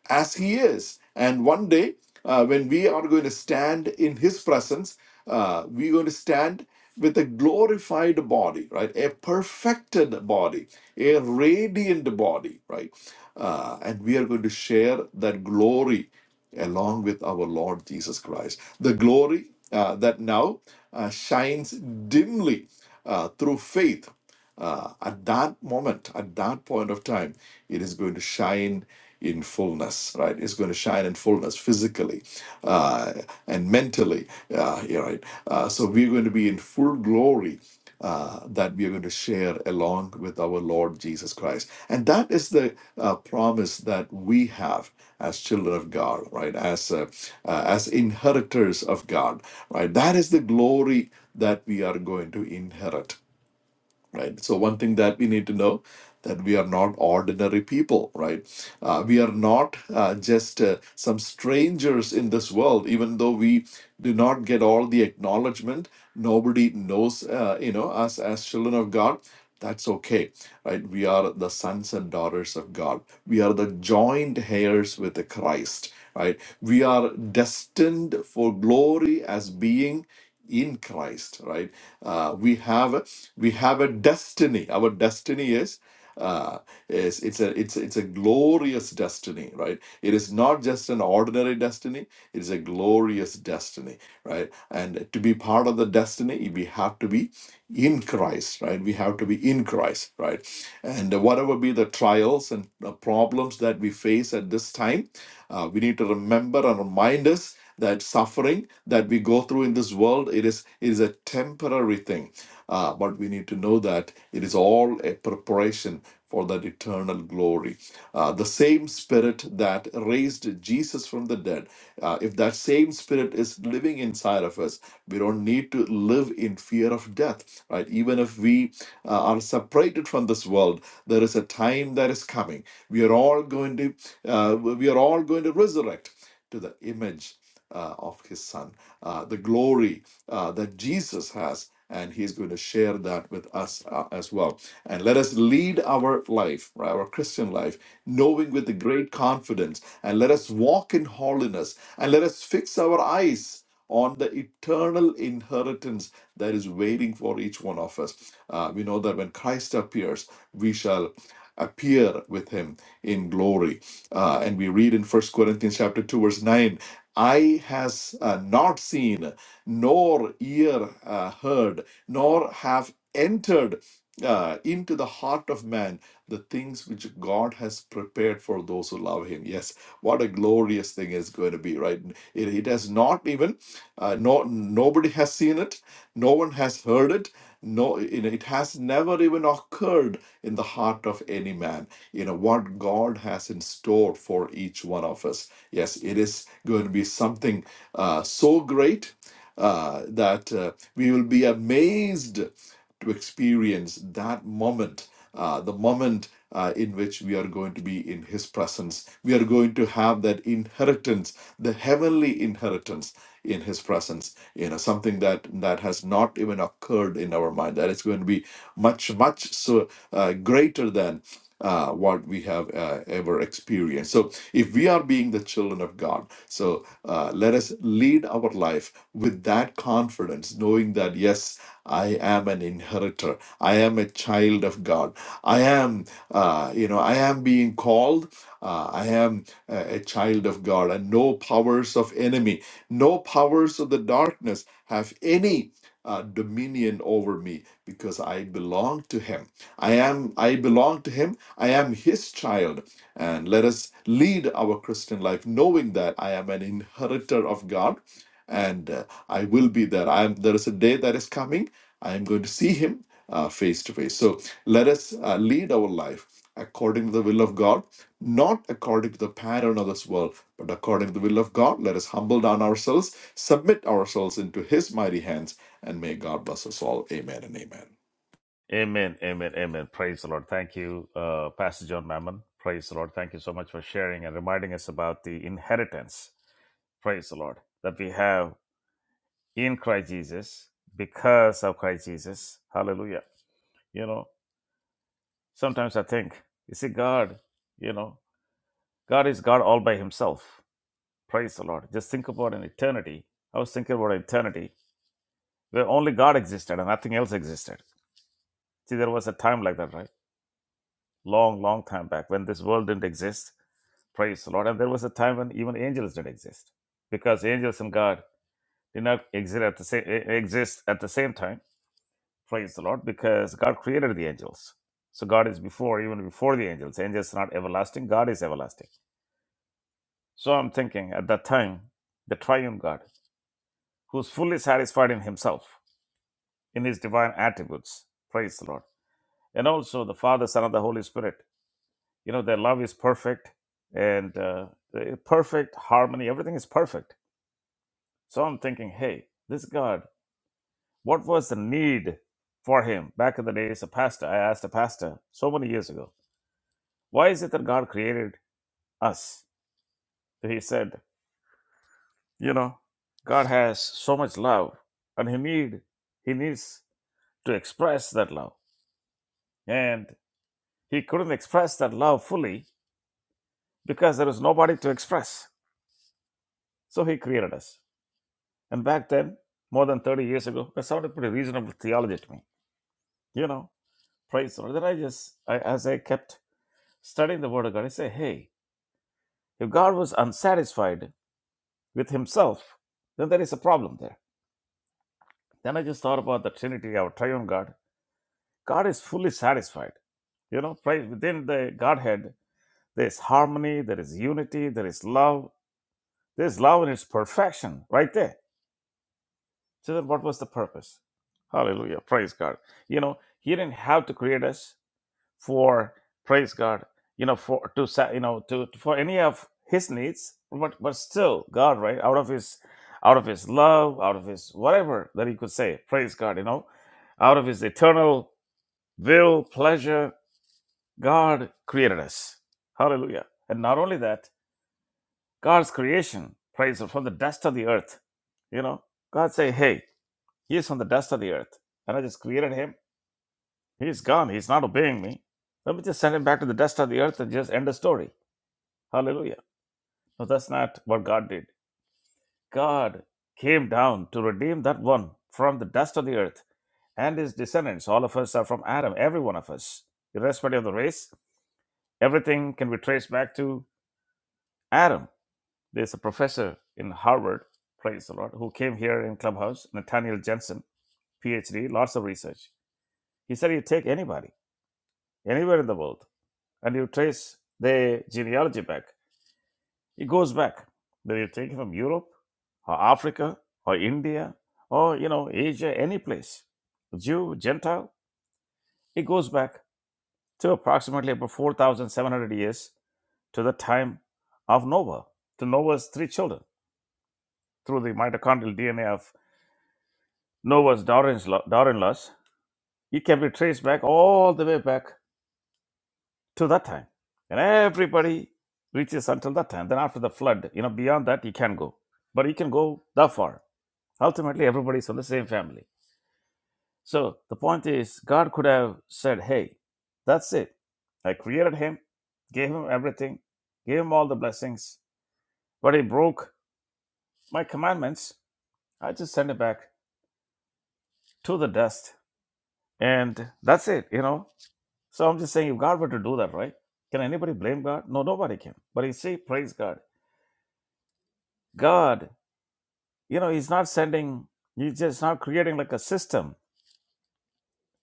Speaker 2: as he is and one day uh, when we are going to stand in his presence uh, we're going to stand with a glorified body, right? A perfected body, a radiant body, right? Uh, and we are going to share that glory along with our Lord Jesus Christ. The glory uh, that now uh, shines dimly uh, through faith uh, at that moment, at that point of time, it is going to shine in fullness, right? It's going to shine in fullness physically uh, and mentally, uh, yeah, right? Uh, so we're going to be in full glory uh, that we are going to share along with our Lord Jesus Christ. And that is the uh, promise that we have as children of God, right? As uh, uh, as inheritors of God, right? That is the glory that we are going to inherit right so one thing that we need to know that we are not ordinary people right uh, we are not uh, just uh, some strangers in this world even though we do not get all the acknowledgement nobody knows uh, you know us as children of god that's okay right we are the sons and daughters of god we are the joint heirs with the christ right we are destined for glory as being in christ right uh, we have we have a destiny our destiny is uh, is it's a it's it's a glorious destiny right it is not just an ordinary destiny it is a glorious destiny right and to be part of the destiny we have to be in christ right we have to be in christ right and whatever be the trials and uh, problems that we face at this time uh, we need to remember and remind us that suffering that we go through in this world it is it is a temporary thing uh, but we need to know that it is all a preparation for that eternal glory. Uh, the same spirit that raised Jesus from the dead, uh, if that same spirit is living inside of us, we don't need to live in fear of death, right? Even if we uh, are separated from this world, there is a time that is coming. We are all going to, uh, we are all going to resurrect to the image. Uh, of his son, uh, the glory uh, that Jesus has and he's going to share that with us uh, as well. And let us lead our life, right, our Christian life, knowing with the great confidence, and let us walk in holiness, and let us fix our eyes on the eternal inheritance that is waiting for each one of us. Uh, we know that when Christ appears, we shall appear with him in glory. Uh, and we read in First Corinthians chapter 2 verse 9, eye has uh, not seen nor ear uh, heard, nor have entered uh, into the heart of man the things which God has prepared for those who love Him. Yes, what a glorious thing is going to be, right? It, it has not even, uh, no, nobody has seen it, no one has heard it. No, you know, it has never even occurred in the heart of any man. You know what God has in store for each one of us. Yes, it is going to be something uh, so great uh, that uh, we will be amazed to experience that moment, uh, the moment uh, in which we are going to be in His presence. We are going to have that inheritance, the heavenly inheritance in His presence. You know, something that that has not even occurred in our mind. That is going to be much, much so uh, greater than uh, what we have uh, ever experienced. So, if we are being the children of God, so uh, let us lead our life with that confidence, knowing that yes, I am an inheritor. I am a child of God. I am, uh, you know, I am being called. Uh, I am a, a child of God, and no powers of enemy, no powers of the darkness have any uh, dominion over me because I belong to Him. I am I belong to him. I am his child. And let us lead our Christian life knowing that I am an inheritor of God and uh, I will be there. I am there is a day that is coming. I am going to see him uh, face to face. So let us uh, lead our life according to the will of God, not according to the pattern of this world, but according to the will of God. Let us humble down ourselves, submit ourselves into his mighty hands, and may God bless us all. Amen and amen.
Speaker 1: Amen. Amen. Amen. Praise the Lord. Thank you, uh, Pastor John Mammon. Praise the Lord. Thank you so much for sharing and reminding us about the inheritance Praise the Lord. That we have in Christ Jesus because of Christ Jesus. Hallelujah. You know, sometimes I think, you see, God? You know, God is God all by himself. Praise the Lord. Just think about an eternity. I was thinking about eternity where only God existed and nothing else existed. See, there was a time like that, right? Long, long time back when this world didn't exist. Praise the Lord. And there was a time when even angels didn't exist because angels and God did not exist at the same, exist at the same time Praise the Lord, because God created the angels. So God is before, even before the angels. Angels are not everlasting, God is everlasting. So I'm thinking at that time, the triune God, who's fully satisfied in himself, in his divine attributes. Praise the Lord. And also the Father, Son, and the Holy Spirit. You know, their love is perfect and uh, the perfect harmony. Everything is perfect. So I'm thinking, hey, this God, what was the need for him back in the days? A pastor, I asked a pastor so many years ago Why is it that God created us? So he said, you know, God has so much love and he need he needs to express that love. And he couldn't express that love fully because there was nobody to express. So he created us. And back then, more than 30 years ago, that sounded pretty reasonable theology to me. You know, praise the Lord. Then I just, I, as I kept studying the Word of God, I say, hey, if God was unsatisfied with himself, then there is a problem there Then I just thought about the Trinity, our triune God. God is fully satisfied. You know, right within the Godhead, there is harmony, there is unity, there is love. There's love in its perfection right there. So then what was the purpose? Hallelujah. Praise God. You know, He didn't have to create us for praise God, you know, for to sa- you know to for any of his needs, but but still God, right? Out of his out of his love, out of his whatever that he could say, praise God, you know, out of his eternal will, pleasure, God created us. Hallelujah. And not only that, God's creation, praise Him, from the dust of the earth. You know, God say, hey, He is from the dust of the earth. And I just created Him. He's gone. He's not obeying me. Let me just send Him back to the dust of the earth and just end the story. Hallelujah. No, that's not what God did. God came down to redeem that one from the dust of the earth and his descendants. All of us are from Adam, every one of us, irrespective of the race, Everything can be traced back to Adam. There's a professor in Harvard, praise the Lord, who came here in Clubhouse, Nathaniel Jensen, PhD, lots of research. He said you take anybody, anywhere in the world, and you trace the genealogy back. It goes back. Whether you take it from Europe or Africa or India or, you know, Asia, any place, Jew, Gentile, it goes back to approximately about 4,700 years to the time of Noah, to Noah's three children through the mitochondrial DNA of Nova's Darwin-Laws, it can be traced back all the way back to that time. And everybody reaches until that time. Then after the flood, you know, beyond that, you can go. But you can go that far. Ultimately, everybody's from the same family. So the point is, God could have said, hey, that's it. I created him, gave him everything, gave him all the blessings, but he broke my commandments. I just send him back to the dust. And that's it, you know So I'm just saying, if God were to do that, right? Can anybody blame God? No, nobody can. But he say, praise God. God, you know, He's not sending, He's just not creating like a system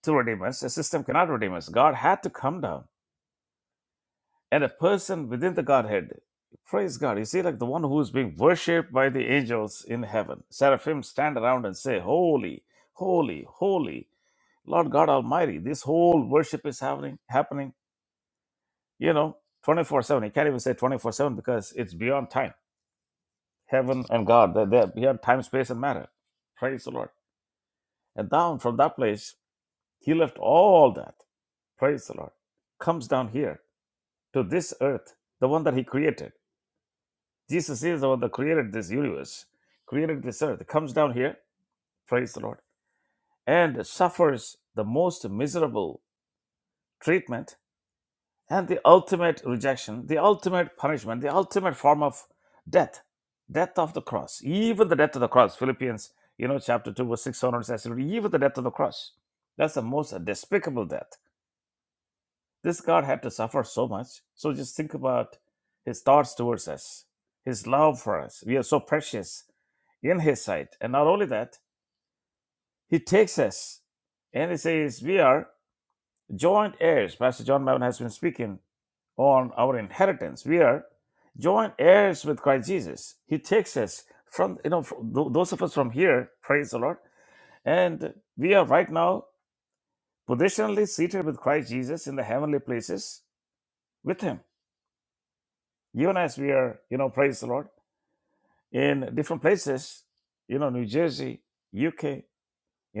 Speaker 1: to redeem us. A system cannot redeem us. God had to come down. And a person within the Godhead, praise God. You see, like the one who is being worshipped by the angels in heaven. Seraphim stand around and say, Holy, holy, holy, Lord God Almighty. This whole worship is happening, happening, you know, 24 7. You can't even say 24 7 because it's beyond time heaven and God. They're there. Beyond time, space, and matter. Praise the Lord. And down from that place, he left all that. Praise the Lord. Comes down here to this earth, the one that he created. Jesus is the one that created this universe, created this earth. Comes down here. Praise the Lord. And suffers the most miserable treatment and the ultimate rejection, the ultimate punishment, the ultimate form of death, death of the cross, even the death of the cross. Philippians, you know, chapter 2, verse 6 onwards, says, even the death of the cross. That's the most despicable death. This God had to suffer so much. So just think about his thoughts towards us, his love for us. We are so precious in his sight. And not only that, he takes us and he says, We are joint heirs. Pastor John Mammon has been speaking on our inheritance. We are joint heirs with Christ Jesus. He takes us from, you know, from those of us from here, praise the Lord. And we are right now positionally seated with Christ Jesus in the heavenly places with Him. Even as we are, you know, praise the Lord, in different places, you know, New Jersey, UK, you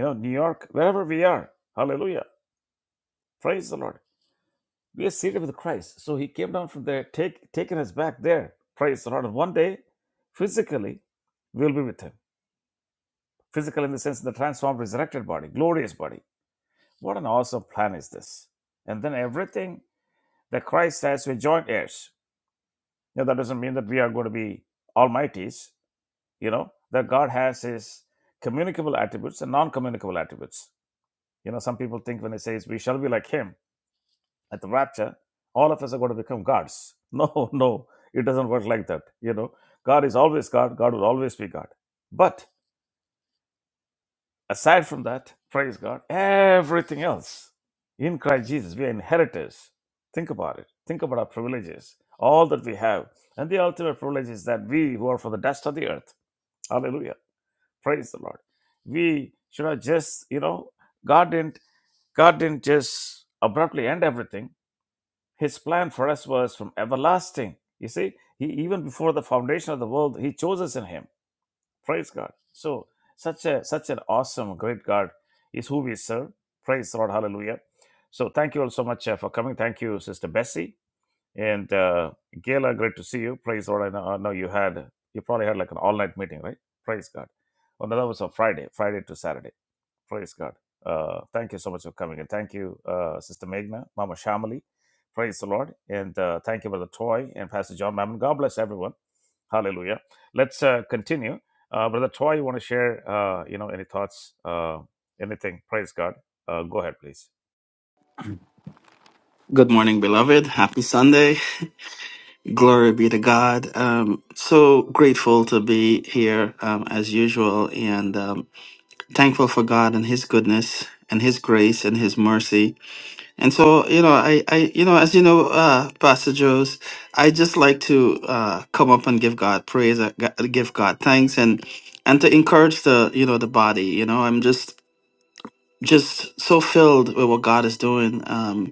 Speaker 1: know, New York, wherever we are. Hallelujah. Praise the Lord. We are seated with Christ. So he came down from there, take, taken us back there. Praise the Lord. And one day, physically, we'll be with him. Physical in the sense of the transformed, resurrected body, glorious body. What an awesome plan is this. And then everything that Christ has, we're joint heirs. Now, that doesn't mean that we are going to be almighties, you know, that God has his communicable attributes and non communicable attributes. You know, some people think when they say we shall be like him, at the rapture, all of us are going to become gods. No, no, it doesn't work like that. You know, God is always God. God will always be God. But aside from that, praise God, everything else in Christ Jesus, we are inheritors. Think about it. Think about our privileges, all that we have. And the ultimate privilege is that we who are from the dust of the earth, hallelujah, praise the Lord. We should have just, you know, God didn't, God didn't just abruptly end everything His plan for us was from everlasting. You see, he even before the foundation of the world, he chose us in him. Praise God. So such a such an awesome, great God is who we serve. Praise the Lord. Hallelujah. So thank you all so much uh, for coming. Thank you, Sister Bessie and uh, Gayla. Great to see you. Praise the Lord. I know, I know you had you probably had like an all night meeting, right? Praise God. Oh, no, that was on Friday, Friday to Saturday. Praise God. Uh, thank you so much for coming and thank you, uh, Sister Meghna, Mama Shamali. Praise the Lord. And uh, thank you, Brother Toy and Pastor John Mammon. God bless everyone. Hallelujah. Let's uh, continue. Uh, Brother Toy, you want to share, uh, you know, any thoughts, uh, anything? Praise God. Uh, go ahead, please.
Speaker 3: Good morning, beloved. Happy Sunday. Glory be to God. Um, so grateful to be here um, as usual and um, thankful for God and His goodness and His grace and His mercy. And so, you know, I, I you know, as you know, uh, Pastor Joe's, I just like to uh, come up and give God praise, uh, g- give God thanks and and to encourage the, you know, the body. You know, I'm just just so filled with what God is doing. Um,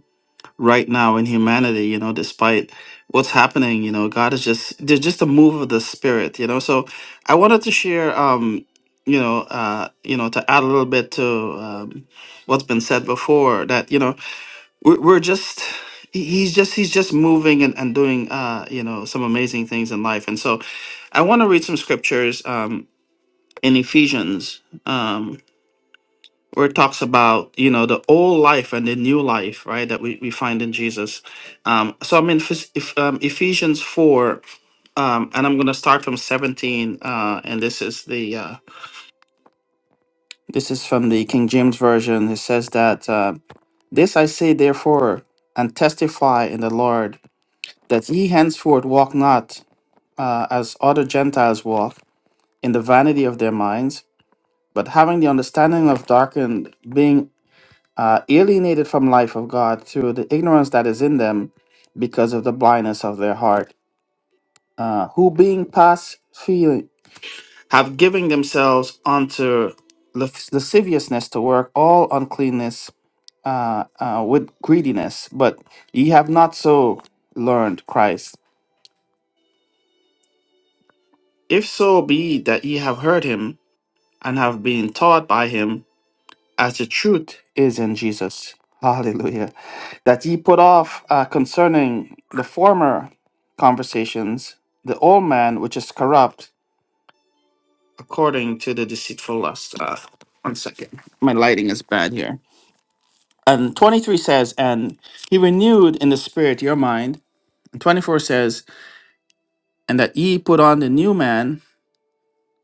Speaker 3: right now in humanity you know despite what's happening you know god is just there's just a move of the spirit you know so i wanted to share um you know uh you know to add a little bit to um, what's been said before that you know we're, we're just he- he's just he's just moving and, and doing uh you know some amazing things in life and so i want to read some scriptures um in ephesians um, where it talks about you know the old life and the new life right that we, we find in jesus um, so i'm in Phys- if, um, ephesians 4 um, and i'm going to start from 17 uh, and this is the uh, this is from the king james version it says that uh, this i say therefore and testify in the lord that ye henceforth walk not uh, as other gentiles walk in the vanity of their minds but having the understanding of darkened being uh, alienated from life of God through the ignorance that is in them because of the blindness of their heart, uh, who being past feeling have given themselves unto lasc- lasciviousness to work all uncleanness uh, uh, with greediness. But ye have not so learned Christ. If so be that ye have heard him and have been taught by him as the truth is in Jesus. Hallelujah. That ye put off uh, concerning the former conversations, the old man which is corrupt according to the deceitful lust. Uh, one second. My lighting is bad here. And 23 says, And he renewed in the spirit your mind. And 24 says, And that ye put on the new man,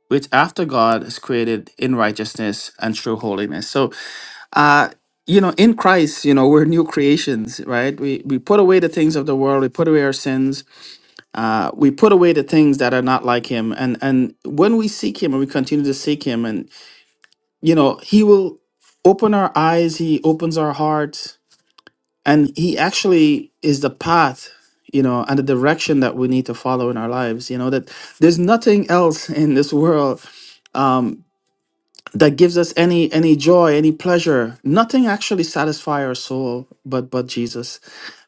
Speaker 3: which after God is created in righteousness and true holiness. So uh you know in christ you know we're new creations right we we put away the things of the world we put away our sins uh we put away the things that are not like him and and when we seek him and we continue to seek him and you know he will open our eyes he opens our hearts and he actually is the path you know and the direction that we need to follow in our lives you know that there's nothing else in this world Um, that gives us any any joy any pleasure nothing actually satisfies our soul but but jesus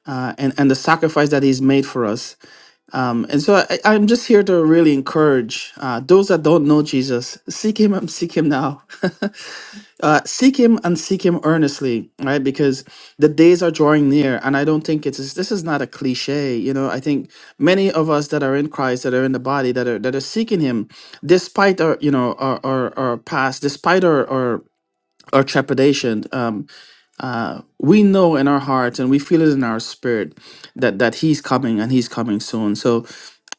Speaker 3: uh, and and the sacrifice that he's made for us um, and so I, i'm just here to really encourage uh, those that don't know jesus seek him and seek him now uh, seek him and seek him earnestly right because the days are drawing near and i don't think it's this is not a cliche you know i think many of us that are in christ that are in the body that are that are seeking him despite our you know our our, our past despite our, our or trepidation, um, we know in our hearts and we feel it in our spirit that that He's coming and He's coming soon. So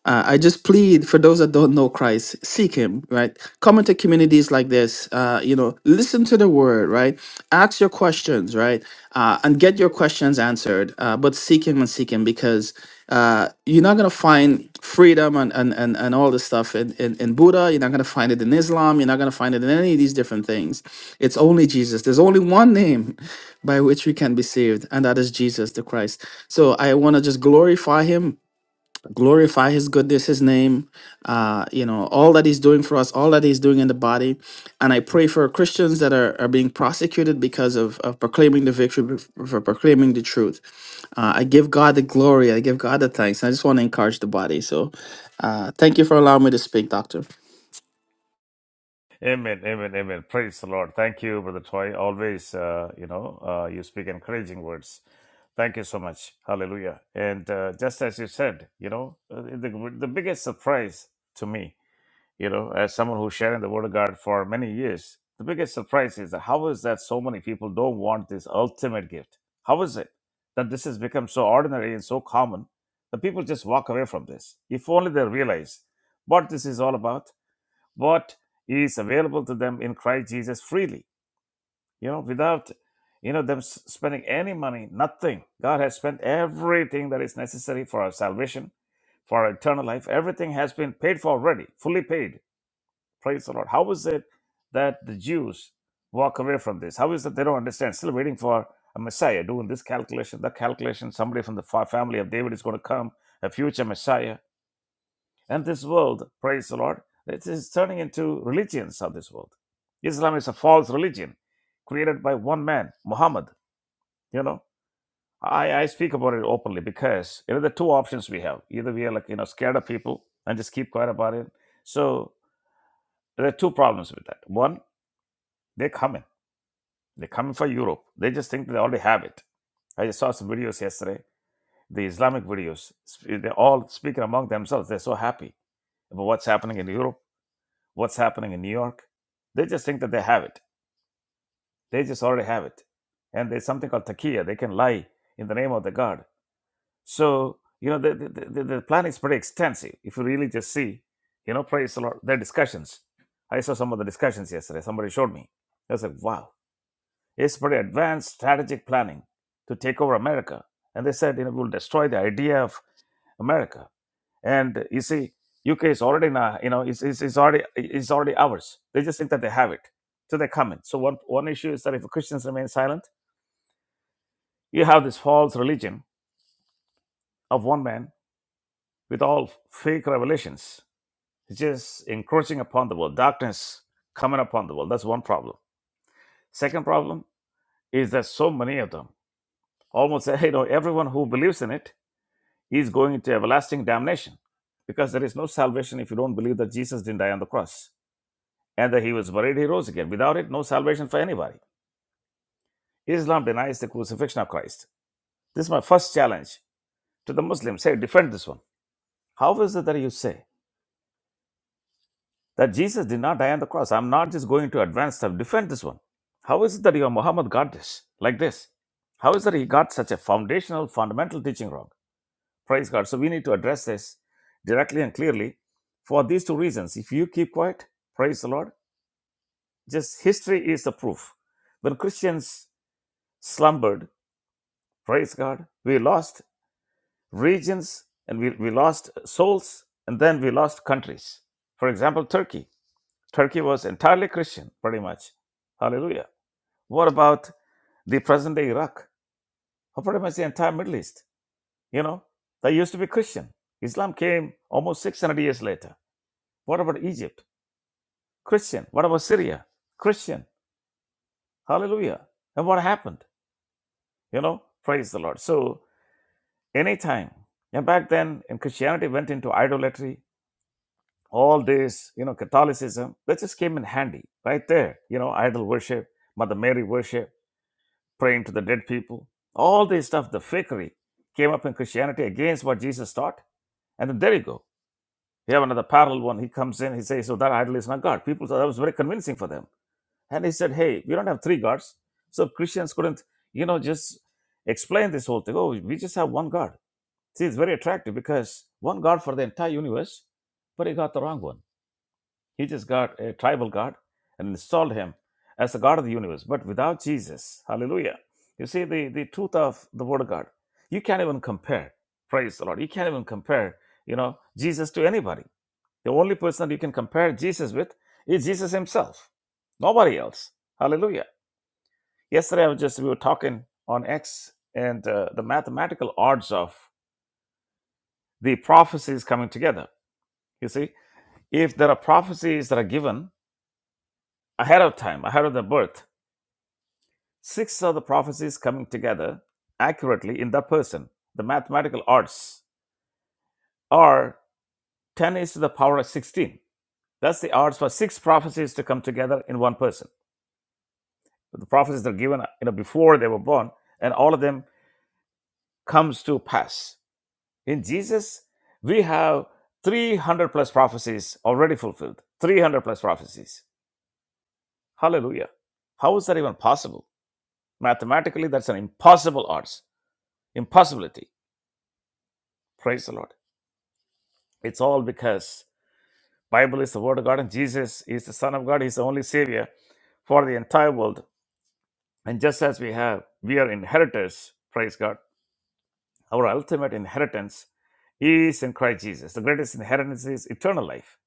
Speaker 3: uh, I just plead for those that don't know Christ, seek Him. Right, come into communities like this. Uh, you know, listen to the Word. Right, ask your questions. Right, uh, and get your questions answered. Uh, but seek Him and seek Him because. Uh, you're not gonna find freedom and and and, and all this stuff in, in in Buddha. You're not gonna find it in Islam. You're not gonna find it in any of these different things. It's only Jesus. There's only one name by which we can be saved, and that is Jesus the Christ. So I want to just glorify Him glorify his goodness his name uh you know all that he's doing for us all that he's doing in the body and i pray for christians that are, are being prosecuted because of, of proclaiming the victory for proclaiming the truth uh, i give god the glory i give god the thanks i just want to encourage the body so uh thank you for allowing me to speak doctor
Speaker 1: Amen, amen, amen. Praise the Lord. Thank you, Brother Toy. Always, uh, you know, uh, you speak encouraging words. Thank you so much. Hallelujah. And uh, just as you said, you know, uh, the, the biggest surprise to me, you know, as someone who's sharing the Word of God for many years, the biggest surprise is how is that so many people don't want this ultimate gift? How is it that this has become so ordinary and so common that people just walk away from this? If only they realize what this is all about what is available to them in Christ Jesus freely, you know, without, you know, them s- spending any money, nothing. God has spent everything that is necessary for our salvation, for our eternal life. Everything has been paid for already, fully paid. Praise the Lord. How is it that the Jews walk away from this? How is it they don't understand? Still waiting for a Messiah, doing this calculation, that calculation. Somebody from the fa- family of David is going to come, a future Messiah and this world, praise the Lord, it is turning into religions of this world. Islam is a false religion created by one man, Muhammad. You know, I, I speak about it openly because you know the two options we have. Either we are like, you know, scared of people and just keep quiet about it. So there are two problems with that. One, they're coming. They're coming for Europe. They just think they already have it. I just saw some videos yesterday, the Islamic videos. They're all speaking among themselves. They're so happy about what's happening in Europe what's happening in New York. They just think that they have it. They just already have it. And there's something called takia. They can lie in the name of the God. So, you know, the, the, the, the plan is pretty extensive. If you really just see, you know, praise the Lord, their discussions. I saw some of the discussions yesterday. Somebody showed me. I was like, wow, it's pretty advanced strategic planning to take over America. And they said, you know, we'll destroy the idea of America and you see, UK is already now, you know, it's, it's, it's already it's already ours. They just think that they have it, so they come in. So one one issue is that if Christians remain silent, you have this false religion of one man with all fake revelations, which is encroaching upon the world, darkness coming upon the world. That's one problem. Second problem is that so many of them almost say, you know, everyone who believes in it is going into everlasting damnation because there is no salvation if you don't believe that Jesus didn't die on the cross and that he was buried, he rose again. Without it, no salvation for anybody. Islam denies the crucifixion of Christ. This is my first challenge to the Muslims. say, defend this one. How is it that you say that Jesus did not die on the cross? I'm not just going to advance stuff. Defend this one. How is it that your Muhammad got this like this? How is it that he got such a foundational, fundamental teaching wrong? Praise God. So we need to address this directly and clearly for these two reasons. If you keep quiet, praise the Lord. Just history is the proof. When Christians slumbered, Praise God. We lost regions and we, we lost souls and then we lost countries. For example, Turkey. Turkey was entirely Christian, pretty much. Hallelujah. What about the present day Iraq? Or pretty much the entire Middle East. You know, they used to be Christian. Islam came almost 600 years later. What about Egypt? Christian. What about Syria? Christian. Hallelujah. And what happened? You know, praise the Lord. So, anytime, and back then, and Christianity went into idolatry all this, you know, Catholicism, that just came in handy right there. You know, idol worship, Mother Mary worship, praying to the dead people, all this stuff, the fakery came up in Christianity against what Jesus taught. And then there you go. You have another parallel one. He comes in, he says, So that idol is not God. People thought that was very convincing for them. And he said, Hey, we don't have three gods. So Christians couldn't, you know, just explain this whole thing. Oh, we just have one God. See, it's very attractive because one God for the entire universe, but he got the wrong one he just got a tribal god and installed him as the God of the universe. But without Jesus, hallelujah, you see the, the truth of the word of God. You can't even compare, praise the Lord. You can't even compare, you know, Jesus to anybody. The only person that you can compare Jesus with is Jesus himself, nobody else. Hallelujah. Yesterday, I was just, we were talking on X and uh, the mathematical odds of the prophecies coming together. You see, if there are prophecies that are given ahead of time, ahead of the birth, Six are the prophecies coming together accurately in that person. The mathematical odds are 10 is to the power of 16. That's the odds for six prophecies to come together in one person. The prophecies that are given you know, before they were born, and all of them comes to pass. In Jesus, we have 300 plus prophecies already fulfilled. 300 plus prophecies. Hallelujah. How is that even possible? Mathematically, that's an impossible odds, impossibility. Praise the Lord. It's all because Bible is the word of God and Jesus is the Son of God. He's the only Savior for the entire world. And just as we have, we are inheritors, praise God. Our ultimate inheritance is in Christ Jesus. The greatest inheritance is eternal life.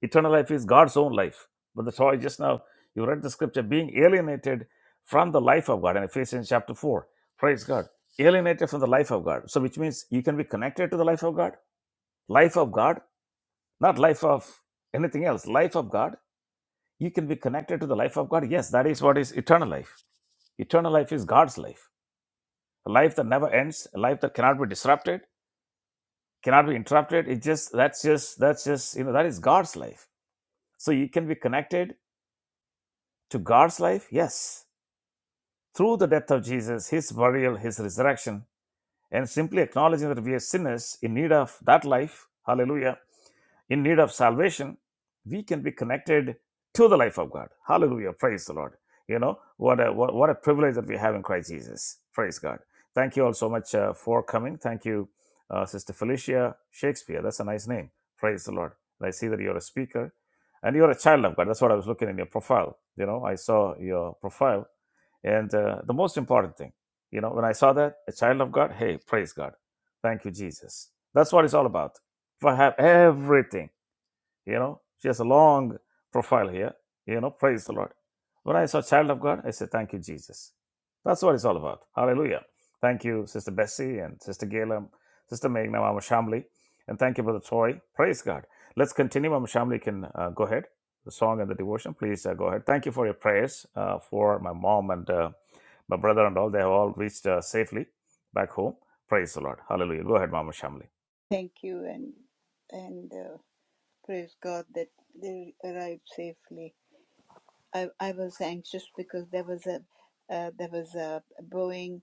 Speaker 1: Eternal life is God's own life. But the Torah just now, you read the scripture, being alienated from the life of God in Ephesians chapter 4. Praise God. Alienated from the life of God. So, which means you can be connected to the life of God. Life of God not life of anything else life of god you can be connected to the life of god yes that is what is eternal life eternal life is god's life a life that never ends a life that cannot be disrupted cannot be interrupted it's just that's just that's just you know that is god's life so you can be connected to god's life yes through the death of jesus his burial his resurrection and simply acknowledging that we are sinners in need of that life hallelujah in need of salvation, we can be connected to the life of God. Hallelujah. Praise the Lord. You know, what a, what, what a privilege that we have in Christ Jesus. Praise God. Thank you all so much uh, for coming. Thank you, uh, Sister Felicia Shakespeare. That's a nice name. Praise the Lord. And I see that you're a speaker and you're a child of God. That's what I was looking in your profile. You know, I saw your profile. And uh, the most important thing, you know, when I saw that, a child of God, hey, praise God. Thank you, Jesus. That's what it's all about. If I have everything, you know, she has a long profile here. You know, praise the Lord. When I saw child of God, I said, Thank you, Jesus. That's what it's all about. Hallelujah. Thank you, Sister Bessie and Sister Gayla, Sister Meghna, Mama Shamli. And thank you, Brother Troy. Praise God. Let's continue. Mama Shamli can uh, go ahead. The song and the devotion. Please uh, go ahead. Thank you for your prayers uh, for my mom and uh, my brother and all. They have all reached uh, safely back home. Praise the Lord. Hallelujah. Go ahead, Mama Shamli.
Speaker 4: Thank you and and uh, praise God that they arrived safely. I, I was anxious because there was a uh, there was a Boeing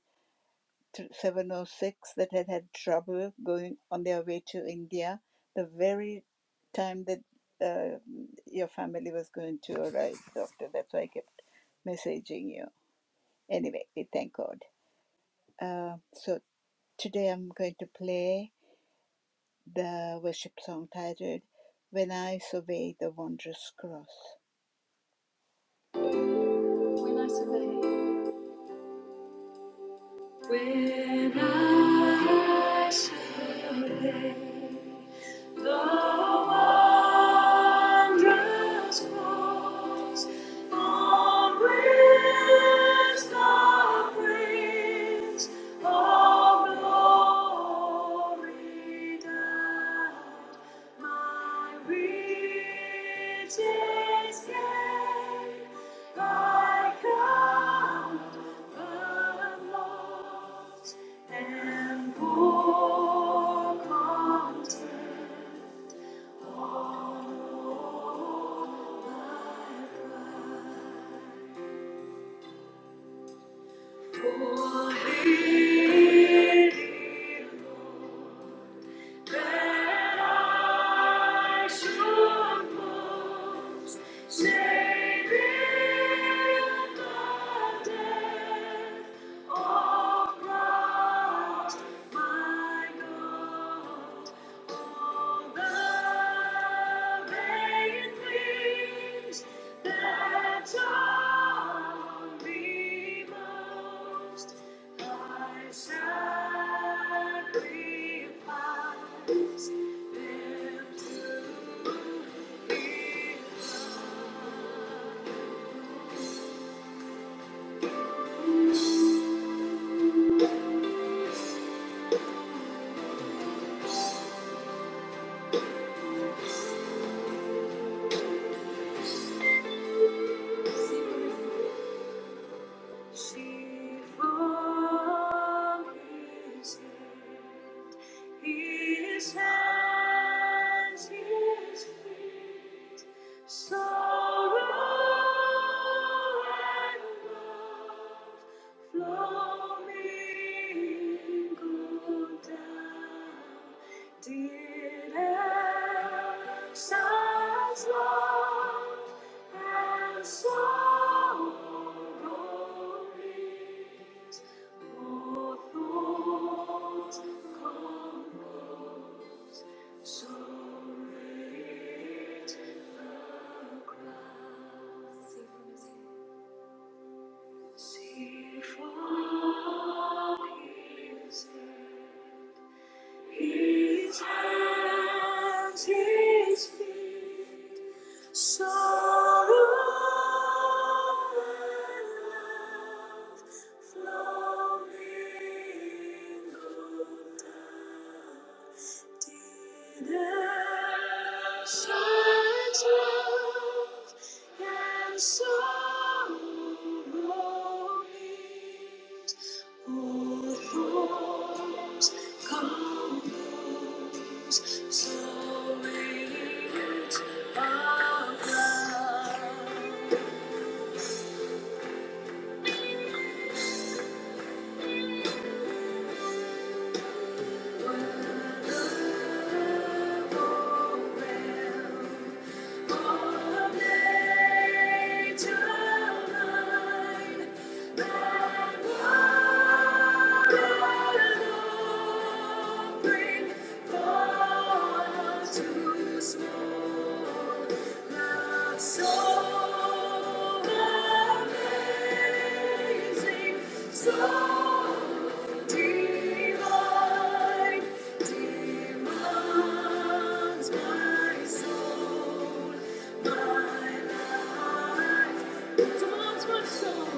Speaker 4: 706 that had had trouble going on their way to India the very time that uh, your family was going to arrive, doctor. That's why I kept messaging you. Anyway, we thank God. Uh, so today I'm going to play. the worship song titled When I Survey the Wondrous Cross. When I survey, when I survey And poor content. Savior of the dead, my God. She forgives me. His hands, his feet, sorrow and love, flowing go down. Did Elsa's love and sorrow go forth? Come low. So radiant the cross. See from his his hands, his feet, so love flowing down so thorns come Thank you. So amazing, so Divine demands my soul, my life demands my soul,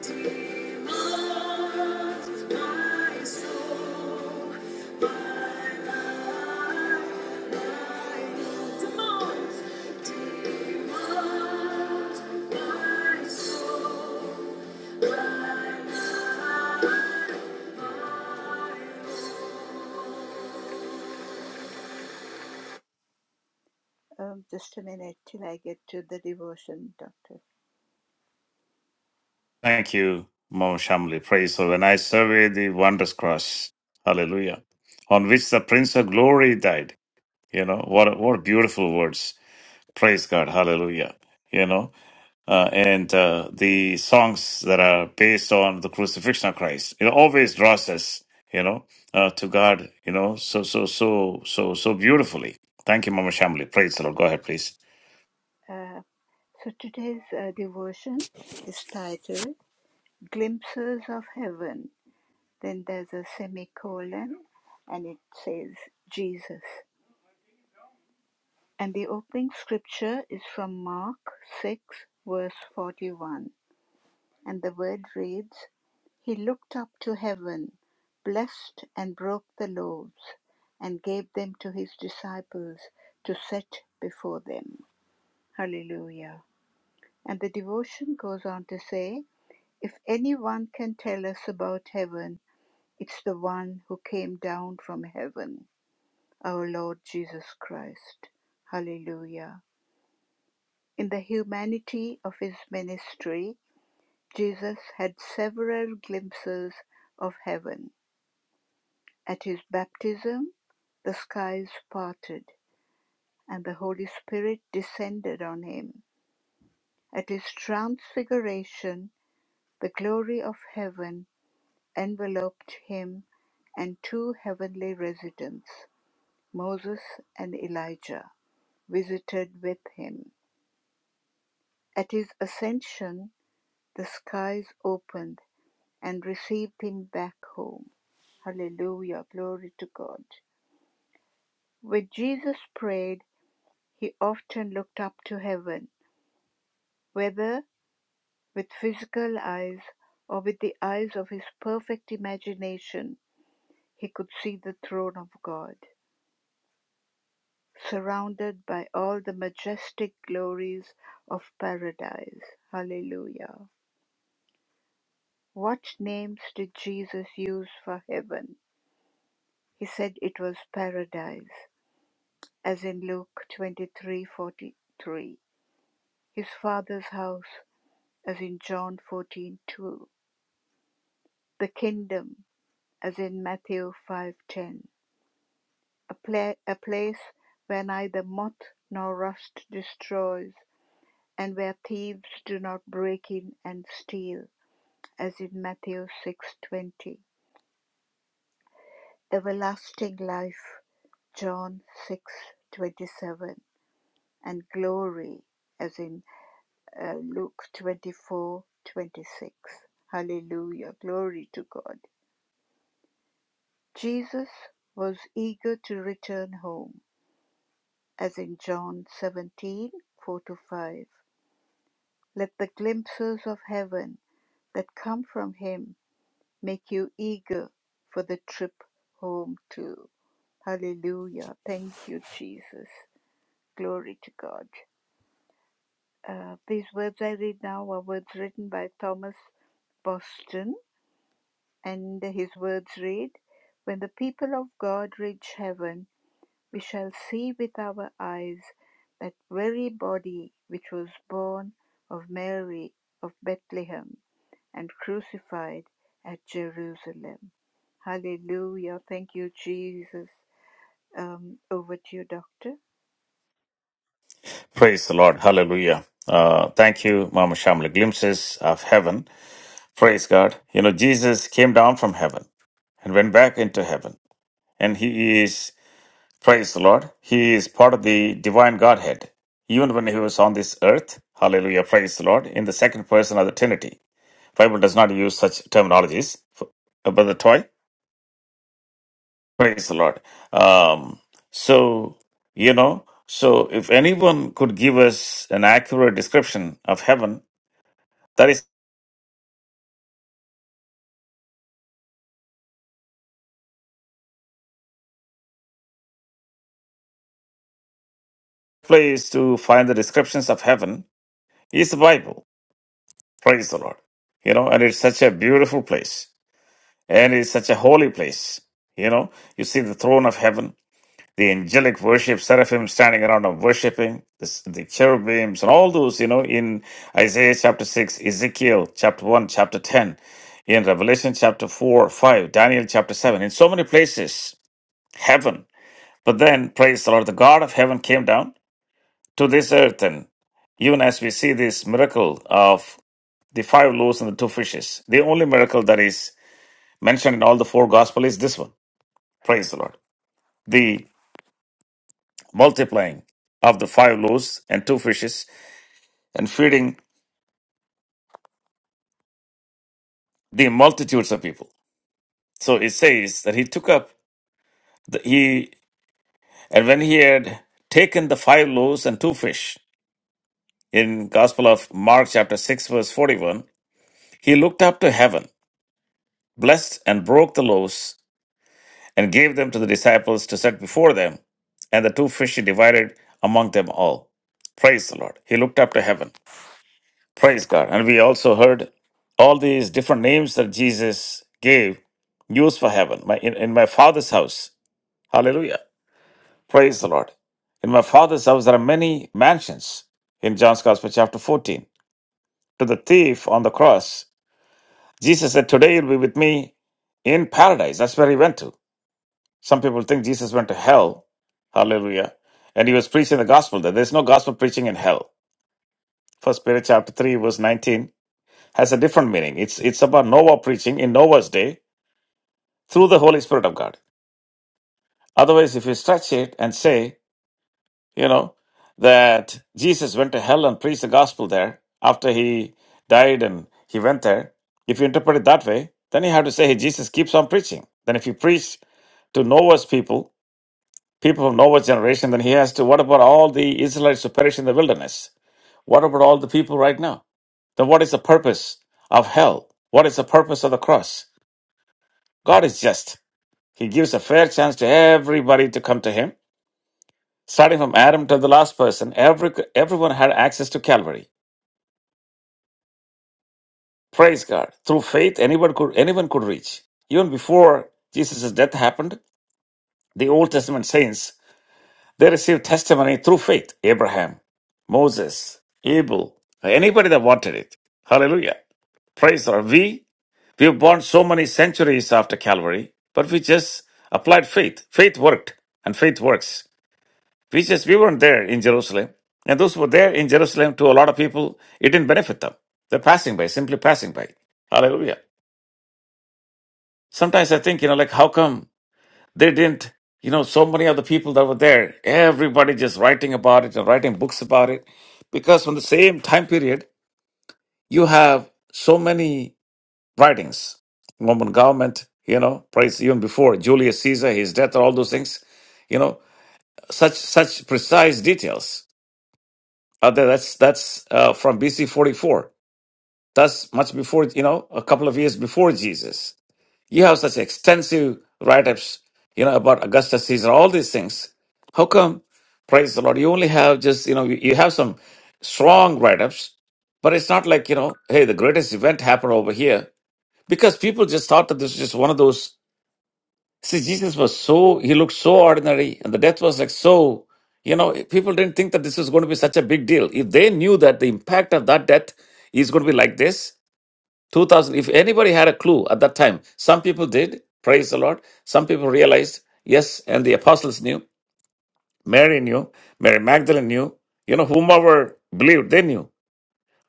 Speaker 4: demands my soul, my life, my Lord demands, demands my soul, my life. Um, just a minute till I get to the devotion, Doctor.
Speaker 1: Thank you, Mo Shamli. Praise the Lord. When I survey the wondrous cross, hallelujah, on which the Prince of Glory died. You know, what, what beautiful words. Praise God, hallelujah. You know, uh, and uh, the songs that are based on the crucifixion of Christ, it always draws us, you know, uh, to God, you know, so, so, so, so, so beautifully. Thank you, Mama Shamli. Praise the Lord. Go ahead, please.
Speaker 4: Uh, so today's uh, devotion is titled Glimpses of Heaven. Then there's a semicolon and it says Jesus. And the opening scripture is from Mark 6, verse 41. And the word reads He looked up to heaven, blessed and broke the loaves, and gave them to his disciples to set before them. Hallelujah. And the devotion goes on to say, If anyone can tell us about heaven, it's the one who came down from heaven, our Lord Jesus Christ. Hallelujah. In the humanity of his ministry, Jesus had several glimpses of heaven. At his baptism, the skies parted and the Holy Spirit descended on him. At his transfiguration, The glory of heaven enveloped him and two heavenly residents, Moses and Elijah, visited with him. At his ascension, the skies opened and received him back home. Hallelujah, glory to God. When Jesus prayed, he often looked up to heaven, whether with physical eyes or with the eyes of his perfect imagination He could see the throne of God, surrounded by all the majestic glories of paradise. Hallelujah. What names did Jesus use for heaven? He said it was paradise, as in Luke 23:43, his father's house, as in John 14:2, the kingdom, as in Matthew 5:10, a, pla- a place where neither moth nor rust destroys and where thieves do not break in and steal, as in Matthew 6:20. Everlasting life, John 6:27, and glory, as in uh, Luke 24:26. Hallelujah, glory to God. Jesus was eager to return home, as in John 17:4 to 5. Let the glimpses of heaven that come from him make you eager for the trip home too. Hallelujah. Thank you, Jesus. Glory to God. Uh, these words I read now are words written by Thomas Boston, and his words read When the people of God reach heaven, we shall see with our eyes that very body which was born of Mary of Bethlehem and crucified at Jerusalem. Hallelujah. Thank you, Jesus. Um, over to you, Doctor.
Speaker 1: Praise the Lord. Hallelujah. Uh, thank you, Mama Shamli. Glimpses of heaven. Praise God. You know, Jesus came down from heaven and went back into heaven. And he is, praise the Lord, he is part of the divine Godhead. Even when he was on this earth, hallelujah, praise the Lord, in the second person of the Trinity. Bible does not use such terminologies, F- uh, Brother Toy. Praise the Lord. Um, so, you know, so if anyone could give us an accurate description of heaven, that is place to find the descriptions of heaven is the Bible Praise the Lord. You know, and it's such a beautiful place. And it's such a holy place. You know, you see the throne of heaven, the angelic worship, seraphim standing around and worshiping, the, the cherubims, and all those, you know, in Isaiah chapter 6, Ezekiel chapter 1, chapter 10, in Revelation chapter 4, 5, Daniel chapter 7, in so many places, heaven. But then, praise the Lord, the God of heaven came down to this earth. And even as we see this miracle of the five loaves and the two fishes. The only miracle that is mentioned in all the four gospels is this one. Praise the Lord. The multiplying of the five loaves and two fishes and feeding the multitudes of people. So it says that he took up the, he and when he had taken the five loaves and two fish in Gospel of Mark chapter 6 verse 41, he looked up to heaven, blessed and broke the loaves and gave them to the disciples to set before them, and the two fish he divided among them all. Praise the Lord. He looked up to heaven. Praise God. And we also heard all these different names that Jesus gave used for heaven. My, in, in my Father's house. Hallelujah. Praise the Lord. In my Father's house, there are many mansions in John's Gospel, chapter 14. To the thief on the cross, Jesus said, Today you'll be with me in paradise. That's where he went to. Some people think Jesus went to hell. Hallelujah. And he was preaching the gospel there. There's no gospel preaching in hell. First Peter chapter 3, verse 19 has a different meaning. It's it's about Noah preaching in Noah's day through the Holy Spirit of God. Otherwise, if you stretch it and say, you know, that Jesus went to hell and preached the gospel there after he died and he went there, if you interpret it that way, then you have to say, hey, Jesus keeps on preaching. Then if you preach to Noah's people people of Noah's generation, then he has to, what about all the Israelites who perish in the wilderness? What about all the people right now? Then what is the purpose of hell? What is the purpose of the cross? God is just. He gives a fair chance to everybody to come to him. Starting from Adam to the last person, every, everyone had access to Calvary. Praise God. Through faith, anyone could, anyone could reach. Even before Jesus' death happened, the Old Testament saints They received testimony through faith. Abraham, Moses, Abel, anybody that wanted it. Hallelujah. Praise the Lord. We, we've borne so many centuries after Calvary, but we just applied faith. Faith worked, and faith works. We just, we weren't there in Jerusalem. And those who were there in Jerusalem, to a lot of people, it didn't benefit them. They're passing by, simply passing by. Hallelujah. Sometimes I think, you know, like, how come They didn't, you know, so many of the people that were there, everybody just writing about it and writing books about it. Because from the same time period, you have so many writings. Roman government, you know, praise even before Julius Caesar, his death, all those things, you know, such such precise details are there. That's that's uh, from BC 44. That's much before, you know, a couple of years before Jesus. You have such extensive write-ups, you know, about Augustus Caesar, all these things. How come, praise the Lord, you only have just, you know, you, you have some strong write-ups, but it's not like, you know, hey, the greatest event happened over here. Because people just thought that this was just one of those. See, Jesus was so, he looked so ordinary, and the death was like so, you know, people didn't think that this was going to be such a big deal. If they knew that the impact of that death is going to be like this, 2000 if anybody had a clue at that time some people did praise the lord some people realized yes and the apostles knew mary knew mary magdalene knew you know whomever believed they knew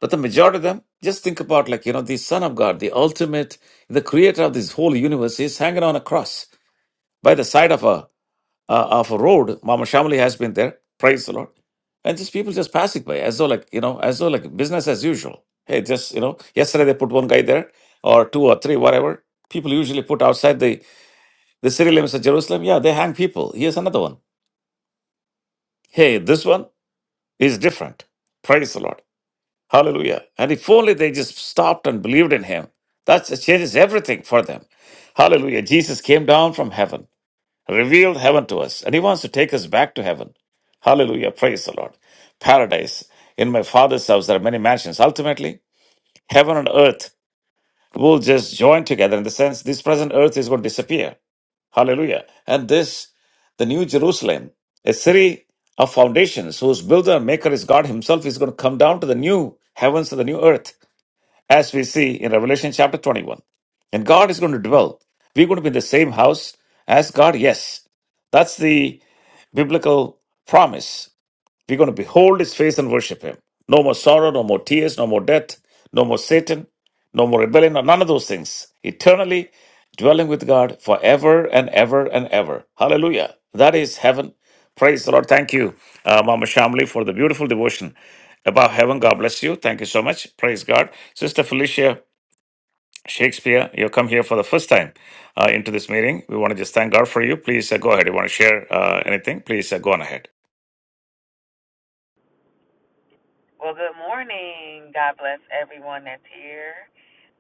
Speaker 1: but the majority of them just think about like you know the son of god the ultimate the creator of this whole universe is hanging on a cross by the side of a uh, of a road. Mama Shamali has been there. Praise the Lord. And these people just passing by as though like, you know, as though like business as usual. Hey, just, you know, yesterday they put one guy there or two or three, whatever. People usually put outside the, the city limits of Jerusalem. Yeah, they hang people. Here's another one. Hey, this one is different. Praise the Lord. Hallelujah. And if only they just stopped and believed in him, that changes everything for them. Hallelujah. Jesus came down from heaven. revealed heaven to us, and He wants to take us back to heaven. Hallelujah. Praise the Lord. Paradise. In my Father's house, there are many mansions. Ultimately, heaven and earth will just join together in the sense this present earth is going to disappear. Hallelujah. And this, the New Jerusalem, a city of foundations whose builder and maker is God Himself, is going to come down to the new heavens and the new earth, as we see in Revelation chapter 21. And God is going to dwell. We're going to be in the same house as God, yes. That's the biblical promise. We're going to behold his face and worship him. No more sorrow, no more tears, no more death, no more Satan, no more rebellion, no, none of those things. Eternally dwelling with God forever and ever and ever. Hallelujah. That is heaven. Praise the Lord. Thank you, uh, Mama Shamli, for the beautiful devotion about heaven. God bless you. Thank you so much. Praise God. Sister Felicia Shakespeare, you come here for the first time uh, into this meeting. We want to just thank God for you. Please uh, go ahead. You want to share uh, anything? Please uh, go on ahead.
Speaker 5: Well, good morning. God bless everyone that's here.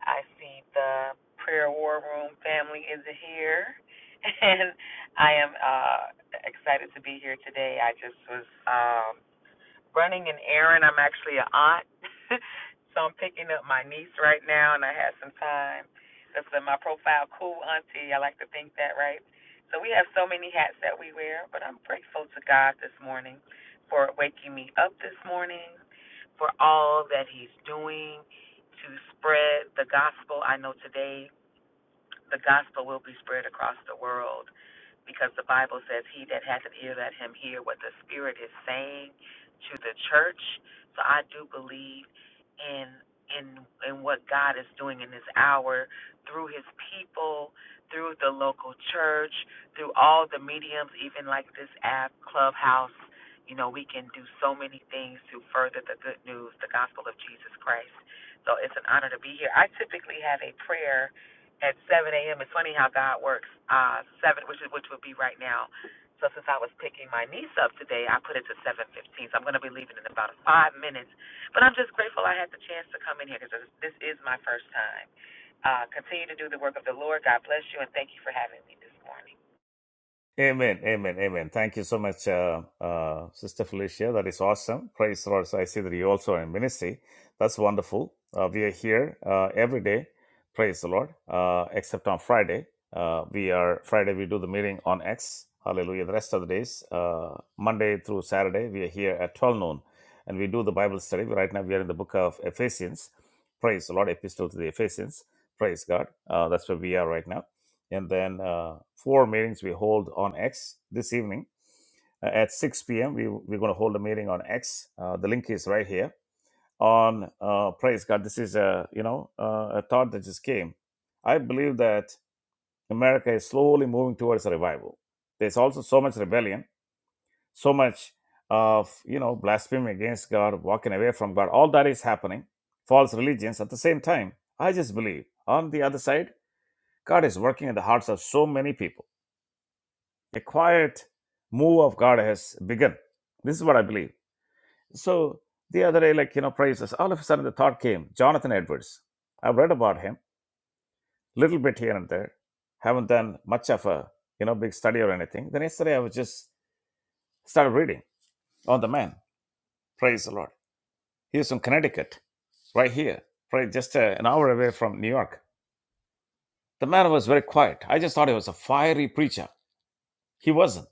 Speaker 5: I see the prayer war room family is here, and I am uh, excited to be here today. I just was. um, running an errand. I'm actually an aunt, so I'm picking up my niece right now, and I had some time. That's in my profile, cool auntie. I like to think that, right? So we have so many hats that we wear, but I'm grateful to God this morning for waking me up this morning, for all that He's doing to spread the gospel. I know today the gospel will be spread across the world because the Bible says, He that hath an ear, let him hear what the Spirit is saying to the church. So I do believe in in in what God is doing in this hour through his people, through the local church, through all the mediums, even like this app, Clubhouse. You know, we can do so many things to further the good news, the gospel of Jesus Christ. So it's an honor to be here. I typically have a prayer at 7 a.m. It's funny how God works. Uh, seven, which is which would be right now. So since I was picking my niece up today, I put it to 7:15. So I'm going to be leaving in about five minutes. But I'm just grateful I had the chance to come in here because this this is my first time. Uh, continue to do the work of the Lord. God bless you and thank you for having me this morning.
Speaker 1: Amen, amen, amen. Thank you so much, uh, uh, Sister Felicia. That is awesome. Praise the Lord. So I see that you also are in ministry. That's wonderful. Uh, we are here uh, every day. Praise the Lord. Uh, except on Friday, uh, we are Friday. We do the meeting on X. Hallelujah. The rest of the days, uh, Monday through Saturday, we are here at 12 noon, and we do the Bible study. Right now, we are in the book of Ephesians. Praise the Lord. Epistle to the Ephesians. Praise God. Uh, that's where we are right now and then uh, four meetings we hold on X this evening uh, at 6 p.m. We, we're going to hold a meeting on X. Uh, the link is right here on uh, praise God. This is a you know uh, a thought that just came. I believe that America is slowly moving towards a revival. There's also so much rebellion, so much of you know blasphemy against God, walking away from God. All that is happening. False religions at the same time. I just believe on the other side, God is working in the hearts of so many people A quiet move of God has begun. This is what I believe. So the other day, like, you know, praises, all of a sudden the thought came Jonathan Edwards. I've read about him, little bit here and there. Haven't done much of a, you know, big study or anything. Then yesterday I was just started reading on the man. Praise the Lord. He was from Connecticut, right here, right just uh, an hour away from New York. The man was very quiet. I just thought he was a fiery preacher. He wasn't.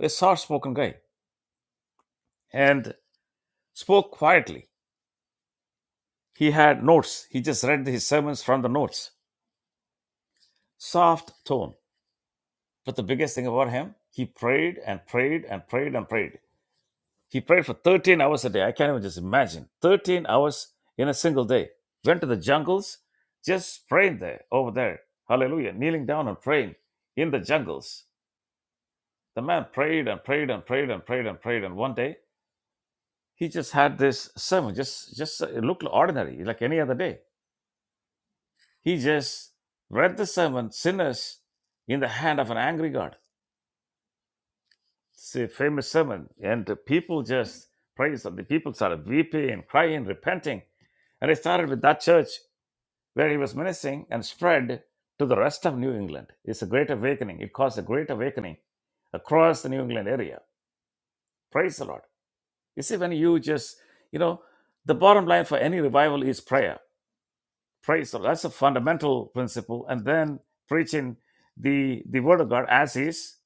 Speaker 1: A soft spoken guy and spoke quietly He had notes. He just read his sermons from the notes. Soft tone. But the biggest thing about him, he prayed and prayed and prayed and prayed. He prayed for 13 hours a day. I can't even just imagine. 13 hours in a single day. Went to the jungles, just praying there, over there. Hallelujah. Kneeling down and praying in the jungles. The man prayed and prayed and prayed and prayed and prayed. And one day, he just had this sermon, just just it looked ordinary, like any other day He just read the sermon, sinners in the hand of an angry God. It's a famous sermon. And the people just praised him. The people started weeping and crying, repenting. And it started with that church where he was ministering and spread to the rest of New England. It's a great awakening. It caused a great awakening across the New England area. Praise the Lord. You see, when you just, you know, the bottom line for any revival is prayer. Praise the Lord. That's a fundamental principle. And then preaching the the word of God as is.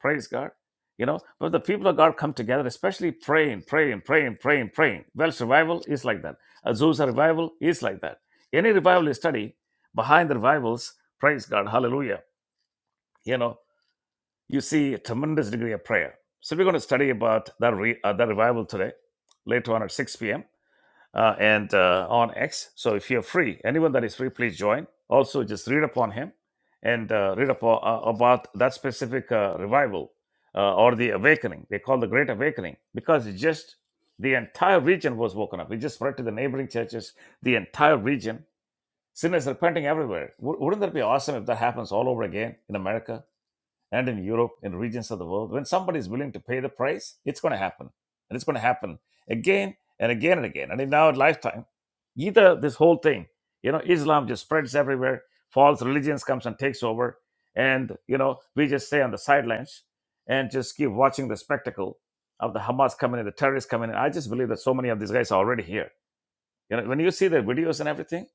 Speaker 1: Praise God. You know, but the people of God come together, especially praying, praying, praying, praying, praying. Welsh revival is like that. Azusa revival is like that. Any revival you study, behind the revivals, praise God, hallelujah. You know, you see a tremendous degree of prayer. So we're going to study about that, re- uh, that revival today, later on at 6 p.m uh, and uh, on X. So if you're free, anyone that is free, please join. Also, just read upon him and uh, read upon, uh, about that specific uh, revival uh, or the awakening. They call the Great Awakening because it just the entire region was woken up. It just spread to the neighboring churches, the entire region. Sinners repenting everywhere. Wou- Wouldn't that be awesome if that happens all over again in America? and in Europe and regions of the world. When somebody is willing to pay the price, it's going to happen. And it's going to happen again and again and again. And in our lifetime, either this whole thing, you know, Islam just spreads everywhere, false religions comes and takes over. And, you know, we just stay on the sidelines and just keep watching the spectacle of the Hamas coming in, the terrorists coming in. I just believe that so many of these guys are already here. You know, when you see their videos and everything,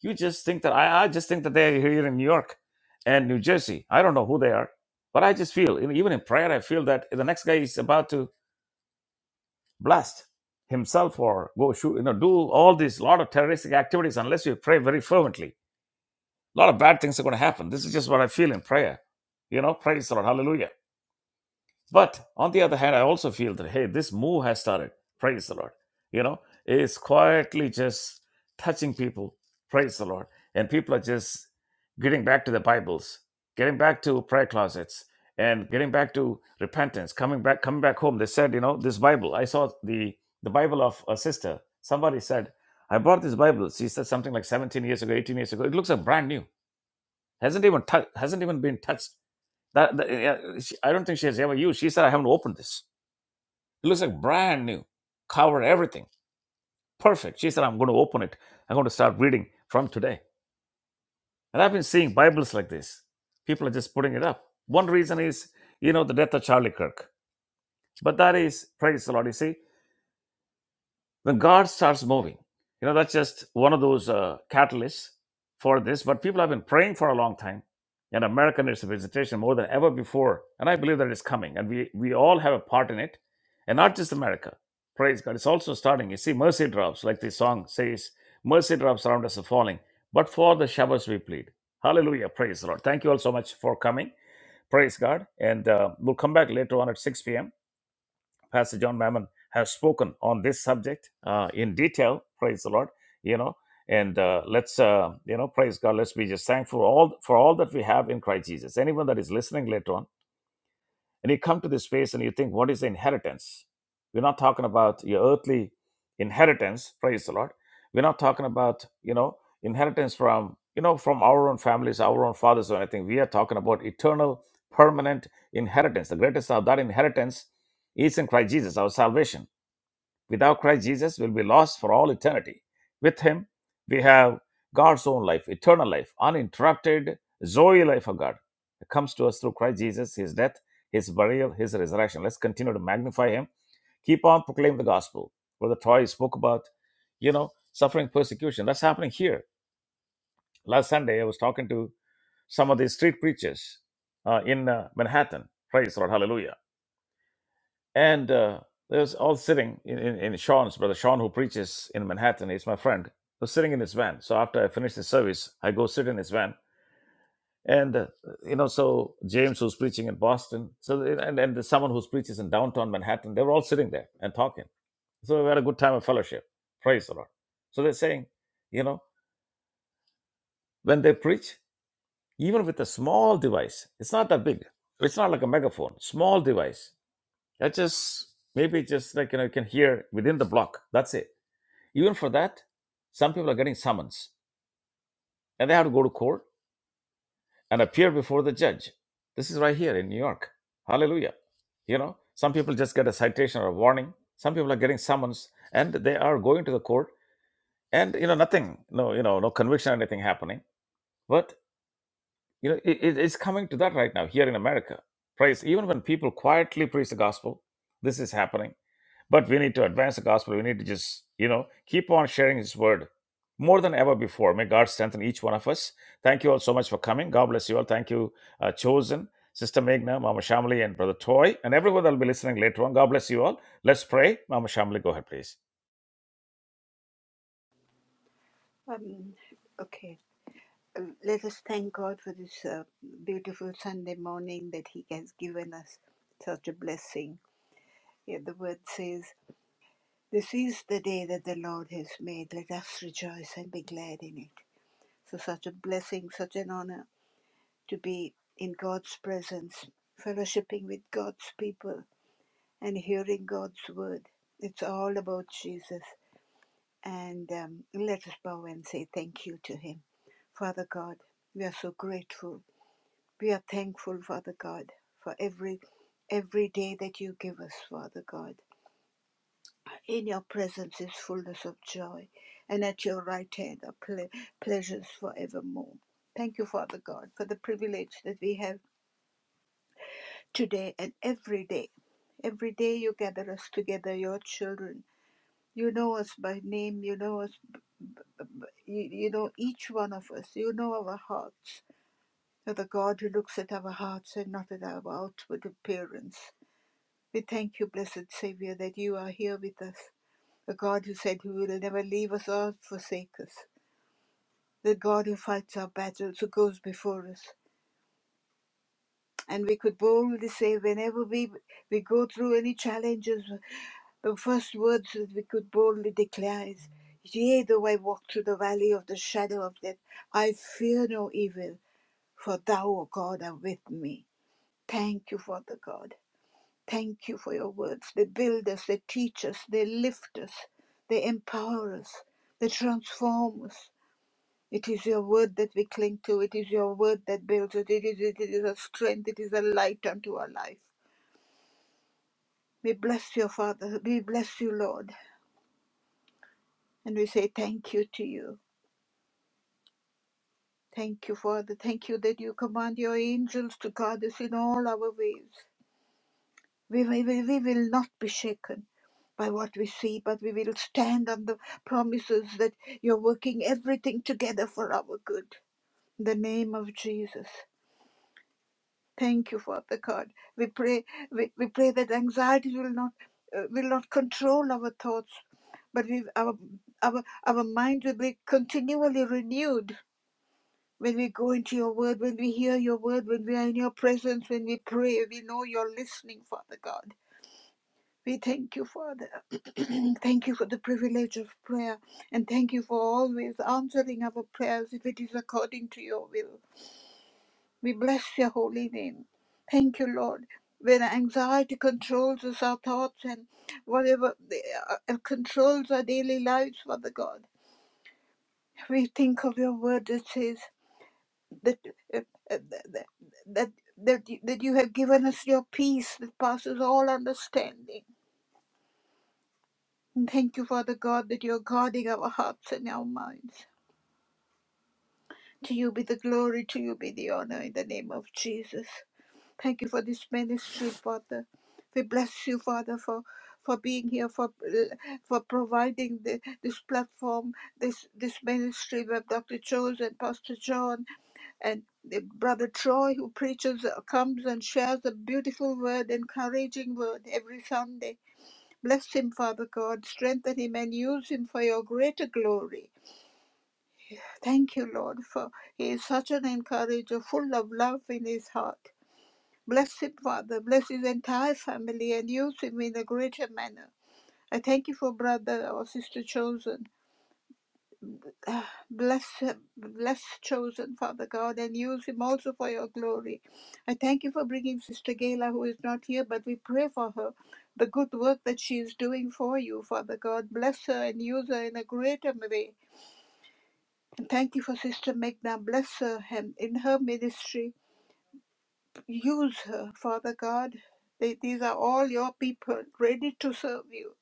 Speaker 1: you just think that I, I just think that they're here in New York and New Jersey. I don't know who they are, but I just feel in- even in prayer, I feel that the next guy is about to blast himself or go shoot, you know, do all these lot of terroristic activities unless you pray very fervently. A lot of bad things are going to happen. This is just what I feel in prayer. You know, praise the Lord, Hallelujah. But on the other hand, I also feel that hey, this move has started. Praise the Lord. You know, it's quietly just touching people. Praise the Lord. And people are just getting back to their Bibles, getting back to prayer closets, and getting back to repentance, coming back, coming back home. They said, you know, this Bible. I saw the the Bible of a sister. Somebody said, I bought this Bible. She said something like 17 years ago, 18 years ago. It looks like brand new. Hasn't even tou- hasn't even been touched that, that- yeah, she- I don't think she has ever used. She said, "I haven't opened this. It looks like brand new, cover everything, perfect." She said, "I'm going to open it. I'm going to start reading from today." And I've been seeing Bibles like this. People are just putting it up. One reason is, you know, the death of Charlie Kirk. But that is praise the Lord. You see, when God starts moving. You know, that's just one of those uh, catalysts for this. But people have been praying for a long time, and America needs a visitation more than ever before. And I believe that it's coming, and we, we all have a part in it, and not just America. Praise God. It's also starting. You see, mercy drops, like the song says, mercy drops around us are falling, but for the showers we plead. Hallelujah. Praise the Lord. Thank you all so much for coming. Praise God. And uh, we'll come back later on at 6 p.m. Pastor John Mammon has spoken on this subject uh, in detail. Praise the Lord, you know. And uh, let's, uh, you know, praise God. Let's be just thankful all for all that we have in Christ Jesus. Anyone that is listening later on, and you come to this space and you think, what is the inheritance? We're not talking about your earthly inheritance, praise the Lord. We're not talking about, you know, inheritance from, you know, from our own families, our own fathers or anything. We are talking about eternal, permanent inheritance. The greatest of that inheritance is in Christ Jesus, our salvation. Without Christ Jesus, will be lost for all eternity. With Him, we have God's own life, eternal life, uninterrupted Zoe life of God. It comes to us through Christ Jesus, His death, His burial, His resurrection. Let's continue to magnify Him. Keep on proclaiming the gospel. Brother Troy spoke about, you know, suffering persecution. That's happening here. Last Sunday, I was talking to some of these street preachers uh, in uh, Manhattan. Praise the Lord. Hallelujah and uh, they was all sitting in, in, in Sean's brother, Sean, who preaches in Manhattan, he's my friend, was sitting in his van. So after I finish the service, I go sit in his van. And, uh, you know, so James, who's preaching in Boston, so and, and there's someone who preaches in downtown Manhattan, they were all sitting there and talking. So we had a good time of fellowship. Praise the Lord. So they're saying, you know, when they preach, even with a small device, it's not that big. It's not like a megaphone, small device I just maybe just like you know you can hear within the block. That's it. Even for that, some people are getting summons and they have to go to court and appear before the judge. This is right here in New York. Hallelujah. You know, some people just get a citation or a warning. Some people are getting summons and they are going to the court and you know nothing, no you know no conviction or anything happening. But You know, it, it- it's coming to that right now here in America. Praise. Even when people quietly preach the gospel, this is happening. But we need to advance the gospel. We need to just, you know, keep on sharing His word more than ever before. May God strengthen each one of us. Thank you all so much for coming. God bless you all. Thank you, uh, Chosen, Sister Meghna, Mama Shamli, and Brother Toy, and everyone that will be listening later on. God bless you all. Let's pray. Mama Shamli, go ahead, please.
Speaker 4: Um, okay. Um, Let us thank God for this uh, beautiful Sunday morning that He has given us such a blessing. Yeah, the word says, This is the day that the Lord has made. Let us rejoice and be glad in it. So, such a blessing, such an honor to be in God's presence, fellowshipping with God's people, and hearing God's word. It's all about Jesus. And um, let us bow and say thank you to Him. Father God, we are so grateful. We are thankful, Father God, for every every day that you give us, Father God. In your presence is fullness of joy, and at your right hand are ple- pleasures forevermore. Thank you, Father God, for the privilege that we have today and every day. Every day you gather us together, your children, You know us by name. You know us. You, you know each one of us. You know our hearts. You're the God who looks at our hearts and not at our outward appearance. We thank you, blessed Savior, that you are here with us. The God who said who will never leave us or forsake us. The God who fights our battles, who goes before us. And we could boldly say, whenever we, we go through any challenges, The first words that we could boldly declare is, Yea, though I walk through the valley of the shadow of death, I fear no evil, for thou, O God, art with me. Thank you, Father God. Thank you for your words. They build us, they teach us, they lift us, they empower us, they transform us. It is your word that we cling to. It is your word that builds us. It is, it is a strength. It is a light unto our life. We bless Your Father. We bless you, Lord. And we say thank you to you. Thank you, Father. Thank you that you command your angels to guard us in all our ways. We, we, we we will not be shaken by what we see, but we will stand on the promises that you're working everything together for our good. In the name of Jesus. Thank you, Father God. We pray, we, we pray that anxiety will not uh, will not control our thoughts, but we, our, our, our mind will be continually renewed When we go into your word, when we hear your word, when we are in your presence, when we pray, we know you're listening, Father God. We thank you, Father. thank you for the privilege of prayer. And thank you for always answering our prayers if it is according to your will. We bless your holy name. Thank you, Lord. When anxiety controls us, our thoughts and whatever uh, uh, controls our daily lives, Father God, we think of your word that says, that uh, uh, that that that you, that you have given us your peace that passes all understanding. And thank you, Father God, that you are guarding our hearts and our minds. To you be the glory, to you be the honor in the name of Jesus. Thank you for this ministry, Father. We bless you, Father, for for being here, for for providing the, this platform, this this ministry with Dr. Chose and Pastor John and the brother Troy, who preaches, uh, comes and shares a beautiful word, encouraging word every Sunday. Bless him, Father God. Strengthen him and use him for your greater glory. Thank you, Lord, for he is such an encourager, full of love in his heart. Blessed Father, bless his entire family and use him in a greater manner. I thank you for brother or sister chosen. Ah, Bless, bless chosen, Father God, and use him also for your glory. I thank you for bringing Sister Gayla, who is not here, but we pray for her, the good work that she is doing for you, Father God. Bless her and use her in a greater way. And thank you for Sister Megna. Bless her and in her ministry Use her, Father God. They, these are all your people, ready to serve you,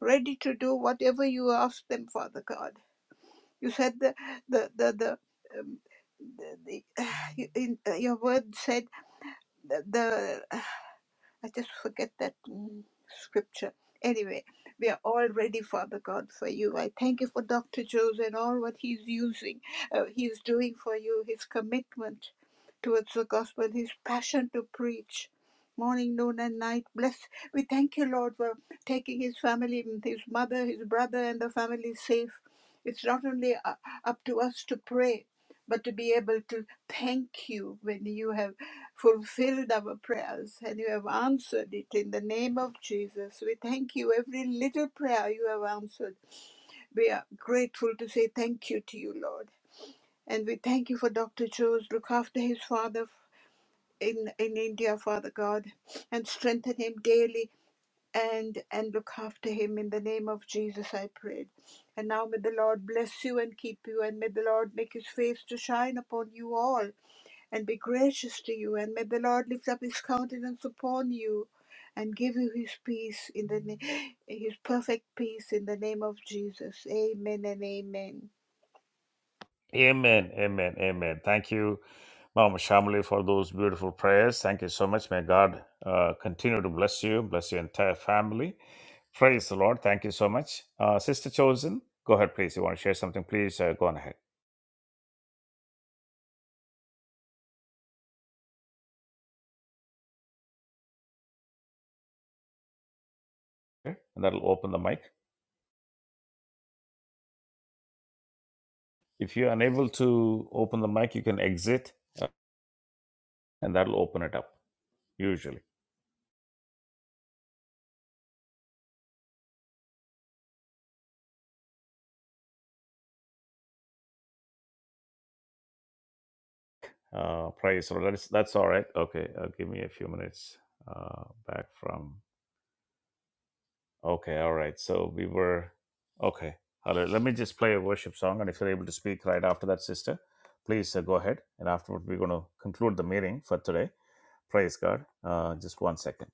Speaker 4: ready to do whatever you ask them, Father God. You said the the the the. Um, the, the, in, uh, your word said that the, uh, I just forget that mm, scripture. Anyway, we are all ready, Father God, for you. I thank you for Dr. Jones and all what he's using, uh, he's doing for you, his commitment towards the gospel, his passion to preach. Morning, noon, and night. Bless. We thank you, Lord, for taking his family, his mother, his brother, and the family safe. It's not only uh, up to us to pray, but to be able to thank you when you have fulfilled our prayers and you have answered it in the name of Jesus. We thank you. Every little prayer you have answered, we are grateful to say thank you to you, Lord. And we thank you for Dr. Joe's. Look after his father in, in India, Father God, and strengthen him daily and, and look after him in the name of Jesus, I prayed. And now may the Lord bless you and keep you, and may the Lord make his face to shine upon you all and be gracious to you. And may the Lord lift up his countenance upon you and give you his peace in the na- his perfect peace in the name of Jesus. Amen and amen.
Speaker 1: Amen. Amen. Amen. Thank you, Mama Shamli, for those beautiful prayers. Thank you so much. May God uh, continue to bless you, bless your entire family. Praise the Lord. Thank you so much. Uh, Sister Chosen, go ahead, please. You want to share something? Please uh, go on ahead. Okay? And that'll open the mic. If you're unable to open the mic, you can exit and that'll open it up, usually. Uh, praise the Lord. That's, that's all right. Okay. Uh, give me a few minutes uh, back from Okay, all right. So we were okay. All right. Let me just play a worship song, and if you're able to speak right after that, sister, please uh, go ahead. And afterward, we're going to conclude the meeting for today. Praise God. Uh, just one second.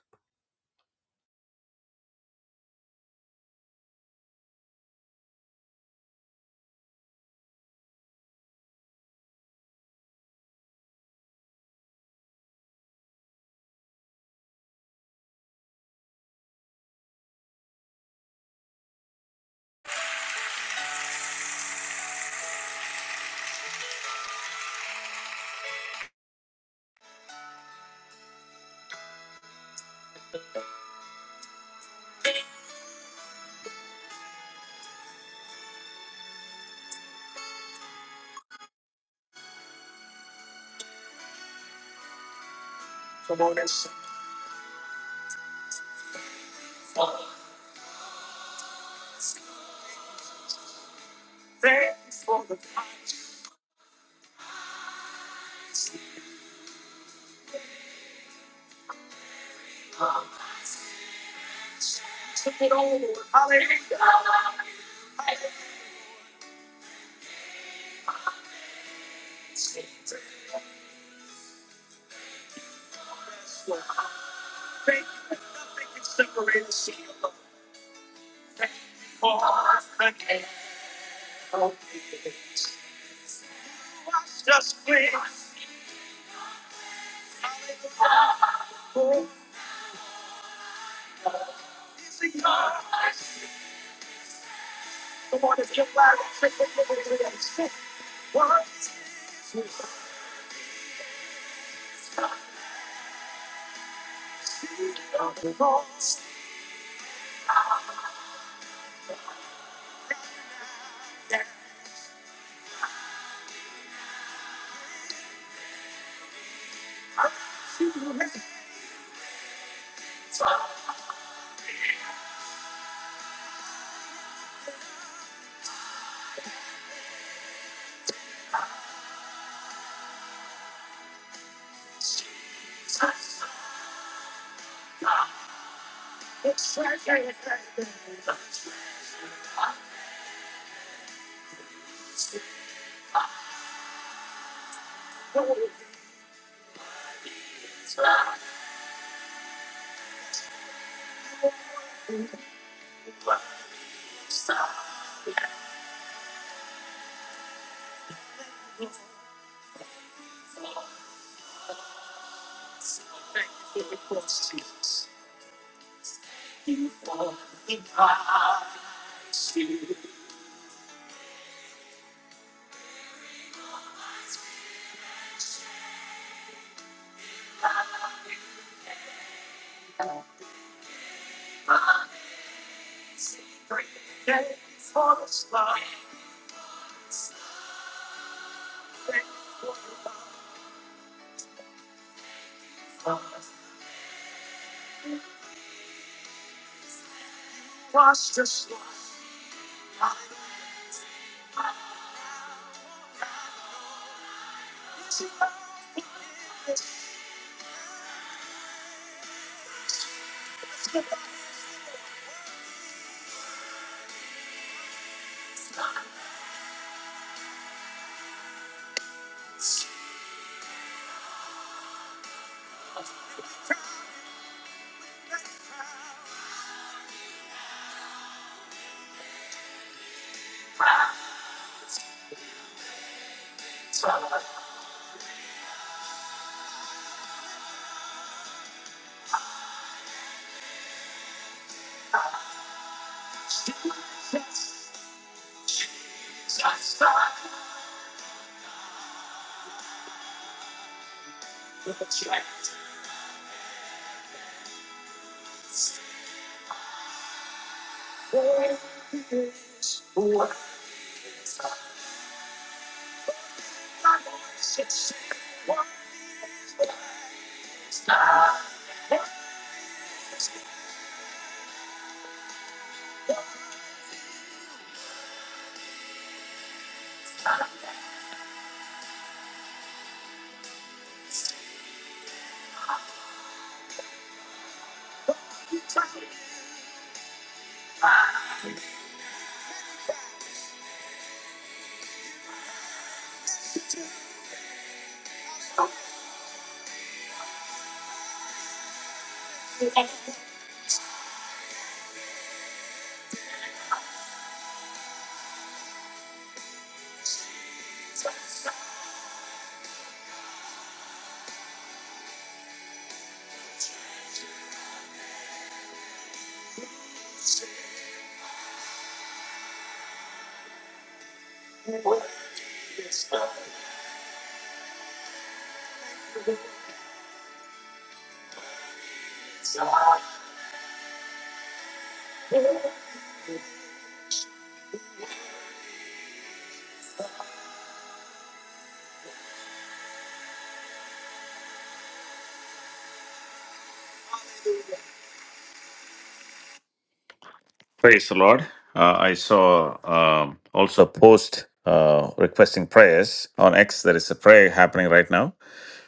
Speaker 1: Praise the Lord. Uh, I saw um, also a post uh, requesting prayers on X. There is a prayer happening right now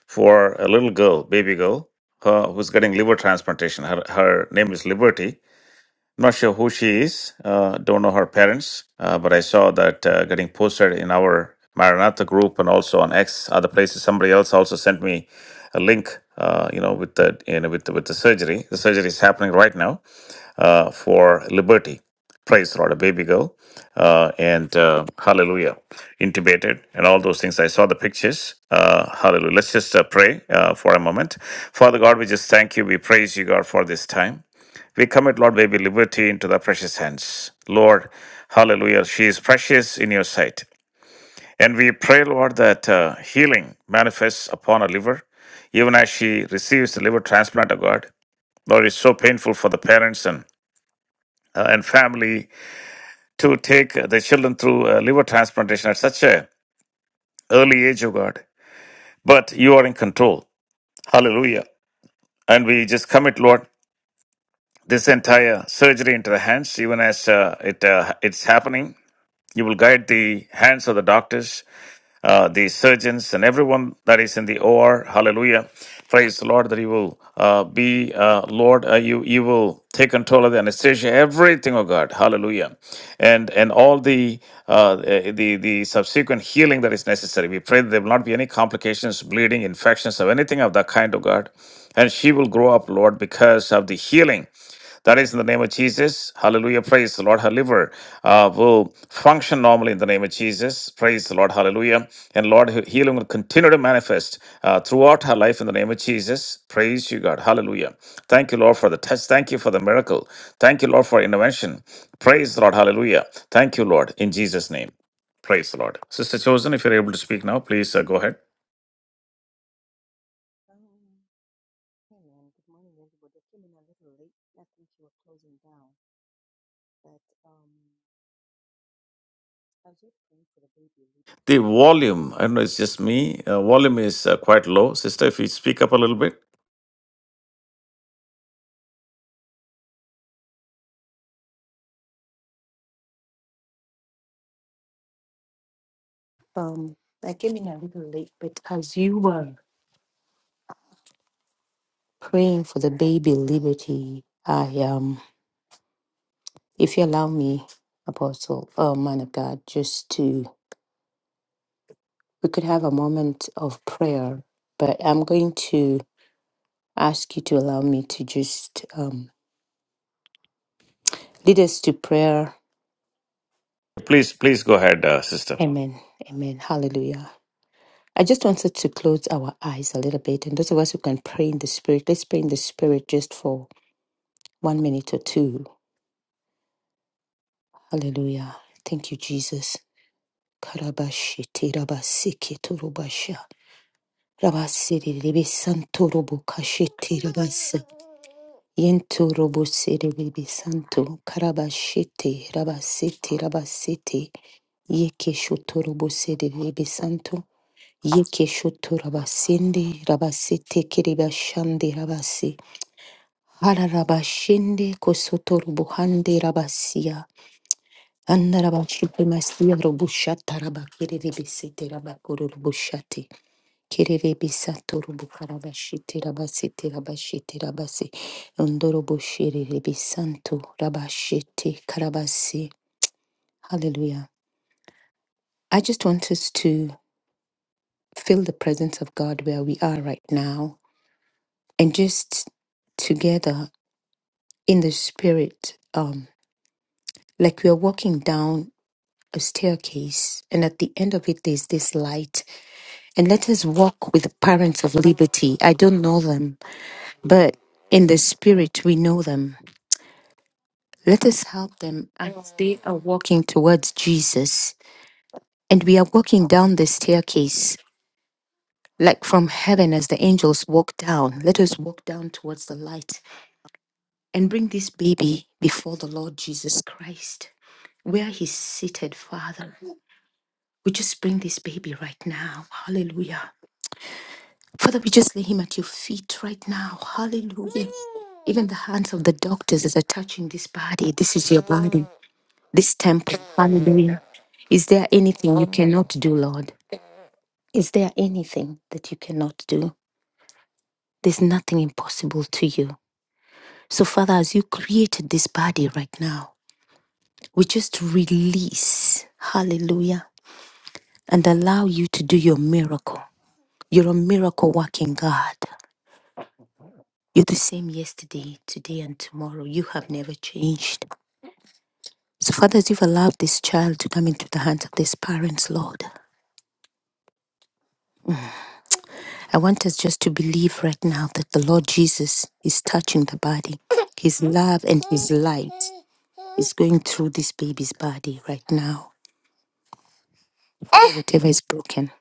Speaker 1: for a little girl, baby girl, uh, who's getting liver transplantation. Her, her name is Liberty I'm not sure who she is. Uh, don't know her parents, uh, but I saw that uh, getting posted in our Maranatha group and also on X, other places. Somebody else also sent me a link. Uh, you know, with the you know with the, with the surgery. The surgery is happening right now uh, for liberty. Praise the Lord, a baby girl, uh, and uh, hallelujah, intubated, and all those things. I saw the pictures. Uh, hallelujah. Let's just uh, pray uh, for a moment. Father God, we just thank you. We praise you, God, for this time. We commit, Lord, baby liberty into the precious hands. Lord, hallelujah, she is precious in your sight. And we pray, Lord, that uh, healing manifests upon her liver, even as she receives the liver transplant of God. Lord, it's so painful for the parents and uh, and family to take uh, the children through uh, liver transplantation at such a early age, oh God. But you are in control. Hallelujah. And we just commit, Lord, this entire surgery into the hands, even as uh, it uh, it's happening. You will guide the hands of the doctors uh, the surgeons and everyone that is in the OR. Hallelujah. Praise the Lord that you will uh, be, uh, Lord, uh, you, you will take control of the anesthesia, everything, oh God. Hallelujah. And and all the, uh, the, the subsequent healing that is necessary. We pray that there will not be any complications, bleeding, infections, or anything of that kind, oh God. And she will grow up, Lord, because of the healing that is in the name of Jesus. Hallelujah. Praise the Lord. Her liver uh, will function normally in the name of Jesus. Praise the Lord. Hallelujah. And Lord, her healing will continue to manifest uh, throughout her life in the name of Jesus. Praise you, God. Hallelujah. Thank you, Lord, for the test. Thank you for the miracle. Thank you, Lord, for intervention. Praise the Lord. Hallelujah. Thank you, Lord, in Jesus' name. Praise the Lord. Sister Chosen, if you're able to speak now, please uh, go ahead.
Speaker 6: Um, hey man, good morning everybody. I came in a little late. I think you were closing down, but um, I was just praying for the baby a little bit.
Speaker 1: The volume, I don't know, it's just me. Uh, volume is uh, quite low. Sister, if you speak up a little bit.
Speaker 6: Oh. Um, I came in a little late, but as you were praying for the baby Liberty, I um, if you allow me, Apostle, oh man of God, just to we could have a moment of prayer, but I'm going to ask you to allow me to just um lead us to prayer.
Speaker 1: Please, please go ahead, uh, sister.
Speaker 6: Amen. Amen. Hallelujah. I just wanted to close our eyes a little bit, and those of us who can pray in the Spirit, let's pray in the Spirit just for one minute or two. Hallelujah. Thank you, Jesus. Karabashite rabasike torobasha. Rabasiri rebe santo robo kashite rabasa. Yento robo siri rebe santo. Karabashite rabasite rabasite. Yeke shoto robo siri rebe santo. Yeke shoto rabasende rabasite kiribashande rabasi. Hararabashende kosoto rubuhande rabasia. Andarabashite masia rubushata rabakerere besete rabakoro rubushate. Kerere besato rubukarabashite rabasete rabashite rabase. Ondorobosherere besanto rabashete karabase. Hallelujah. I just want us to feel the presence of God where we are right now and just together in the spirit, um, like we are walking down a staircase, and at the end of it, there's this light. And let us walk with the parents of liberty. I don't know them, but in the spirit, we know them. Let us help them as they are walking towards Jesus. And we are walking down the staircase, like from heaven as the angels walk down. Let us walk down towards the light and bring this baby before the Lord Jesus Christ where he's seated, Father. We just bring this baby right now. Hallelujah. Father, we just lay him at your feet right now. Hallelujah. Even the hands of the doctors as are touching this body. This is your body, this temple. Hallelujah. Is there anything you cannot do, Lord? Is there anything that you cannot do? There's nothing impossible to you. So, Father, as you created this body right now, we just release, hallelujah, and allow you to do your miracle. You're a miracle working God. You're the same yesterday, today, and tomorrow. You have never changed. So, Father, as you've allowed this child to come into the hands of these parents, Lord, I want us just to believe right now that the Lord Jesus is touching the body. His love and His light is going through this baby's body right now. Father, whatever is broken,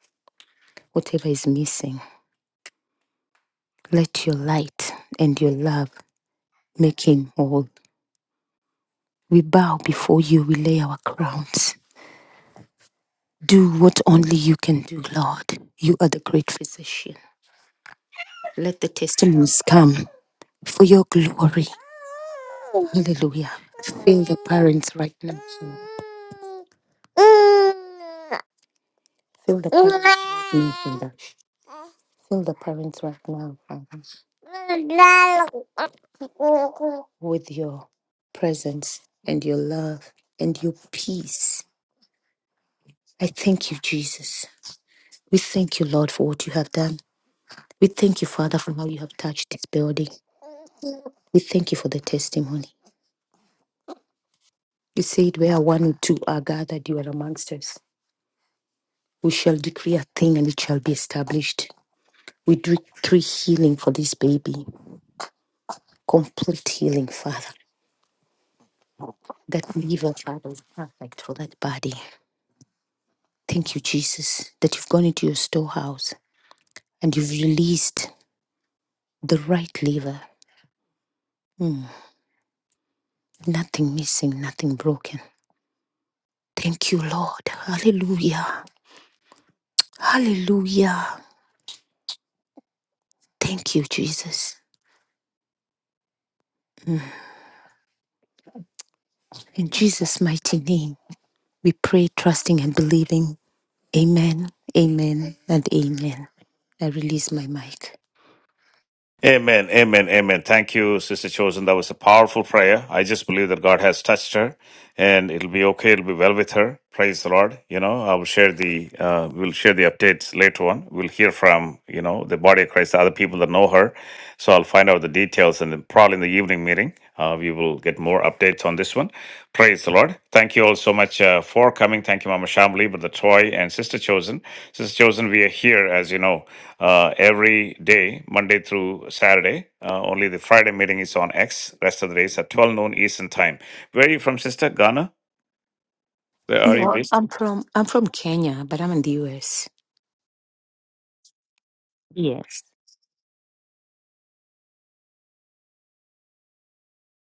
Speaker 6: whatever is missing, let your light and your love make him whole. We bow before you, we lay our crowns. Do what only you can do, Lord. You are the great physician. Let the testimonies come for your glory. Hallelujah. Fill the parents right now. Father. Fill the parents right now, Father. Fill the parents right now, Father. With your presence and your love and your peace. I thank you, Jesus. We thank you, Lord, for what you have done. We thank you, Father, for how you have touched this building. We thank you for the testimony. You said, Where one or two are gathered, you are amongst us. We shall decree a thing and it shall be established. We decree healing for this baby, complete healing, Father. That liver, Father, is perfect for that body. Thank you, Jesus, that you've gone into your storehouse and you've released the right liver. Mm, nothing missing, nothing broken. Thank you, Lord. Hallelujah. Hallelujah. Thank you, Jesus. In Jesus' mighty name. We pray, trusting and believing. Amen, amen, and amen. I release my mic.
Speaker 1: Amen, amen, amen. Thank you, Sister Chosen. That was a powerful prayer. I just believe that God has touched her and it'll be okay. It'll be well with her. Praise the Lord. You know, I will share the, uh, we'll share the updates later on. We'll hear from, you know, the body of Christ, the other people that know her. So I'll find out the details and then probably in the evening meeting. Uh, we will get more updates on this one. Praise the Lord. Thank you all so much uh, for coming. Thank you, Mama Shamli, Brother Troy, and Sister Chosen. Sister Chosen, we are here, as you know, uh, every day, Monday through Saturday. Uh, only the Friday meeting is on X. Rest of the days at 12 noon Eastern Time. Where are you from, Sister? Ghana? Where are you
Speaker 6: No,
Speaker 1: based?
Speaker 6: I'm from I'm from Kenya, but I'm in the US. Yes.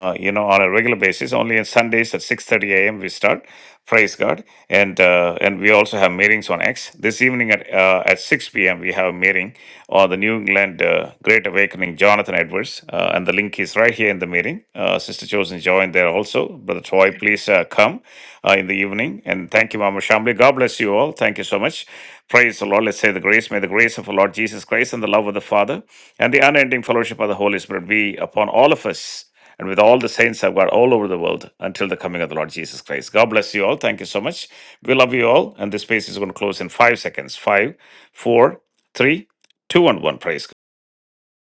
Speaker 1: uh, you know, on a regular basis. Only on Sundays at 6:30 a.m. we start. Praise God! And uh, and we also have meetings on X. This evening at uh, at 6 p.m. we have a meeting on the New England uh, Great Awakening. Jonathan Edwards, uh, and the link is right here in the meeting. Uh, Sister Chosen joined there also. Brother Troy, please uh, come uh, in the evening. And thank you, Mama Shamli. God bless you all. Thank you so much. Praise the Lord. Let's say the grace. May the grace of our Lord Jesus Christ and the love of the Father and the unending fellowship of the Holy Spirit be upon all of us and with all the saints of God all over the world until the coming of the Lord Jesus Christ. God bless you all. Thank you so much. We love you all. And this space is going to close in five seconds. Five, four, three, two, and one. Praise God.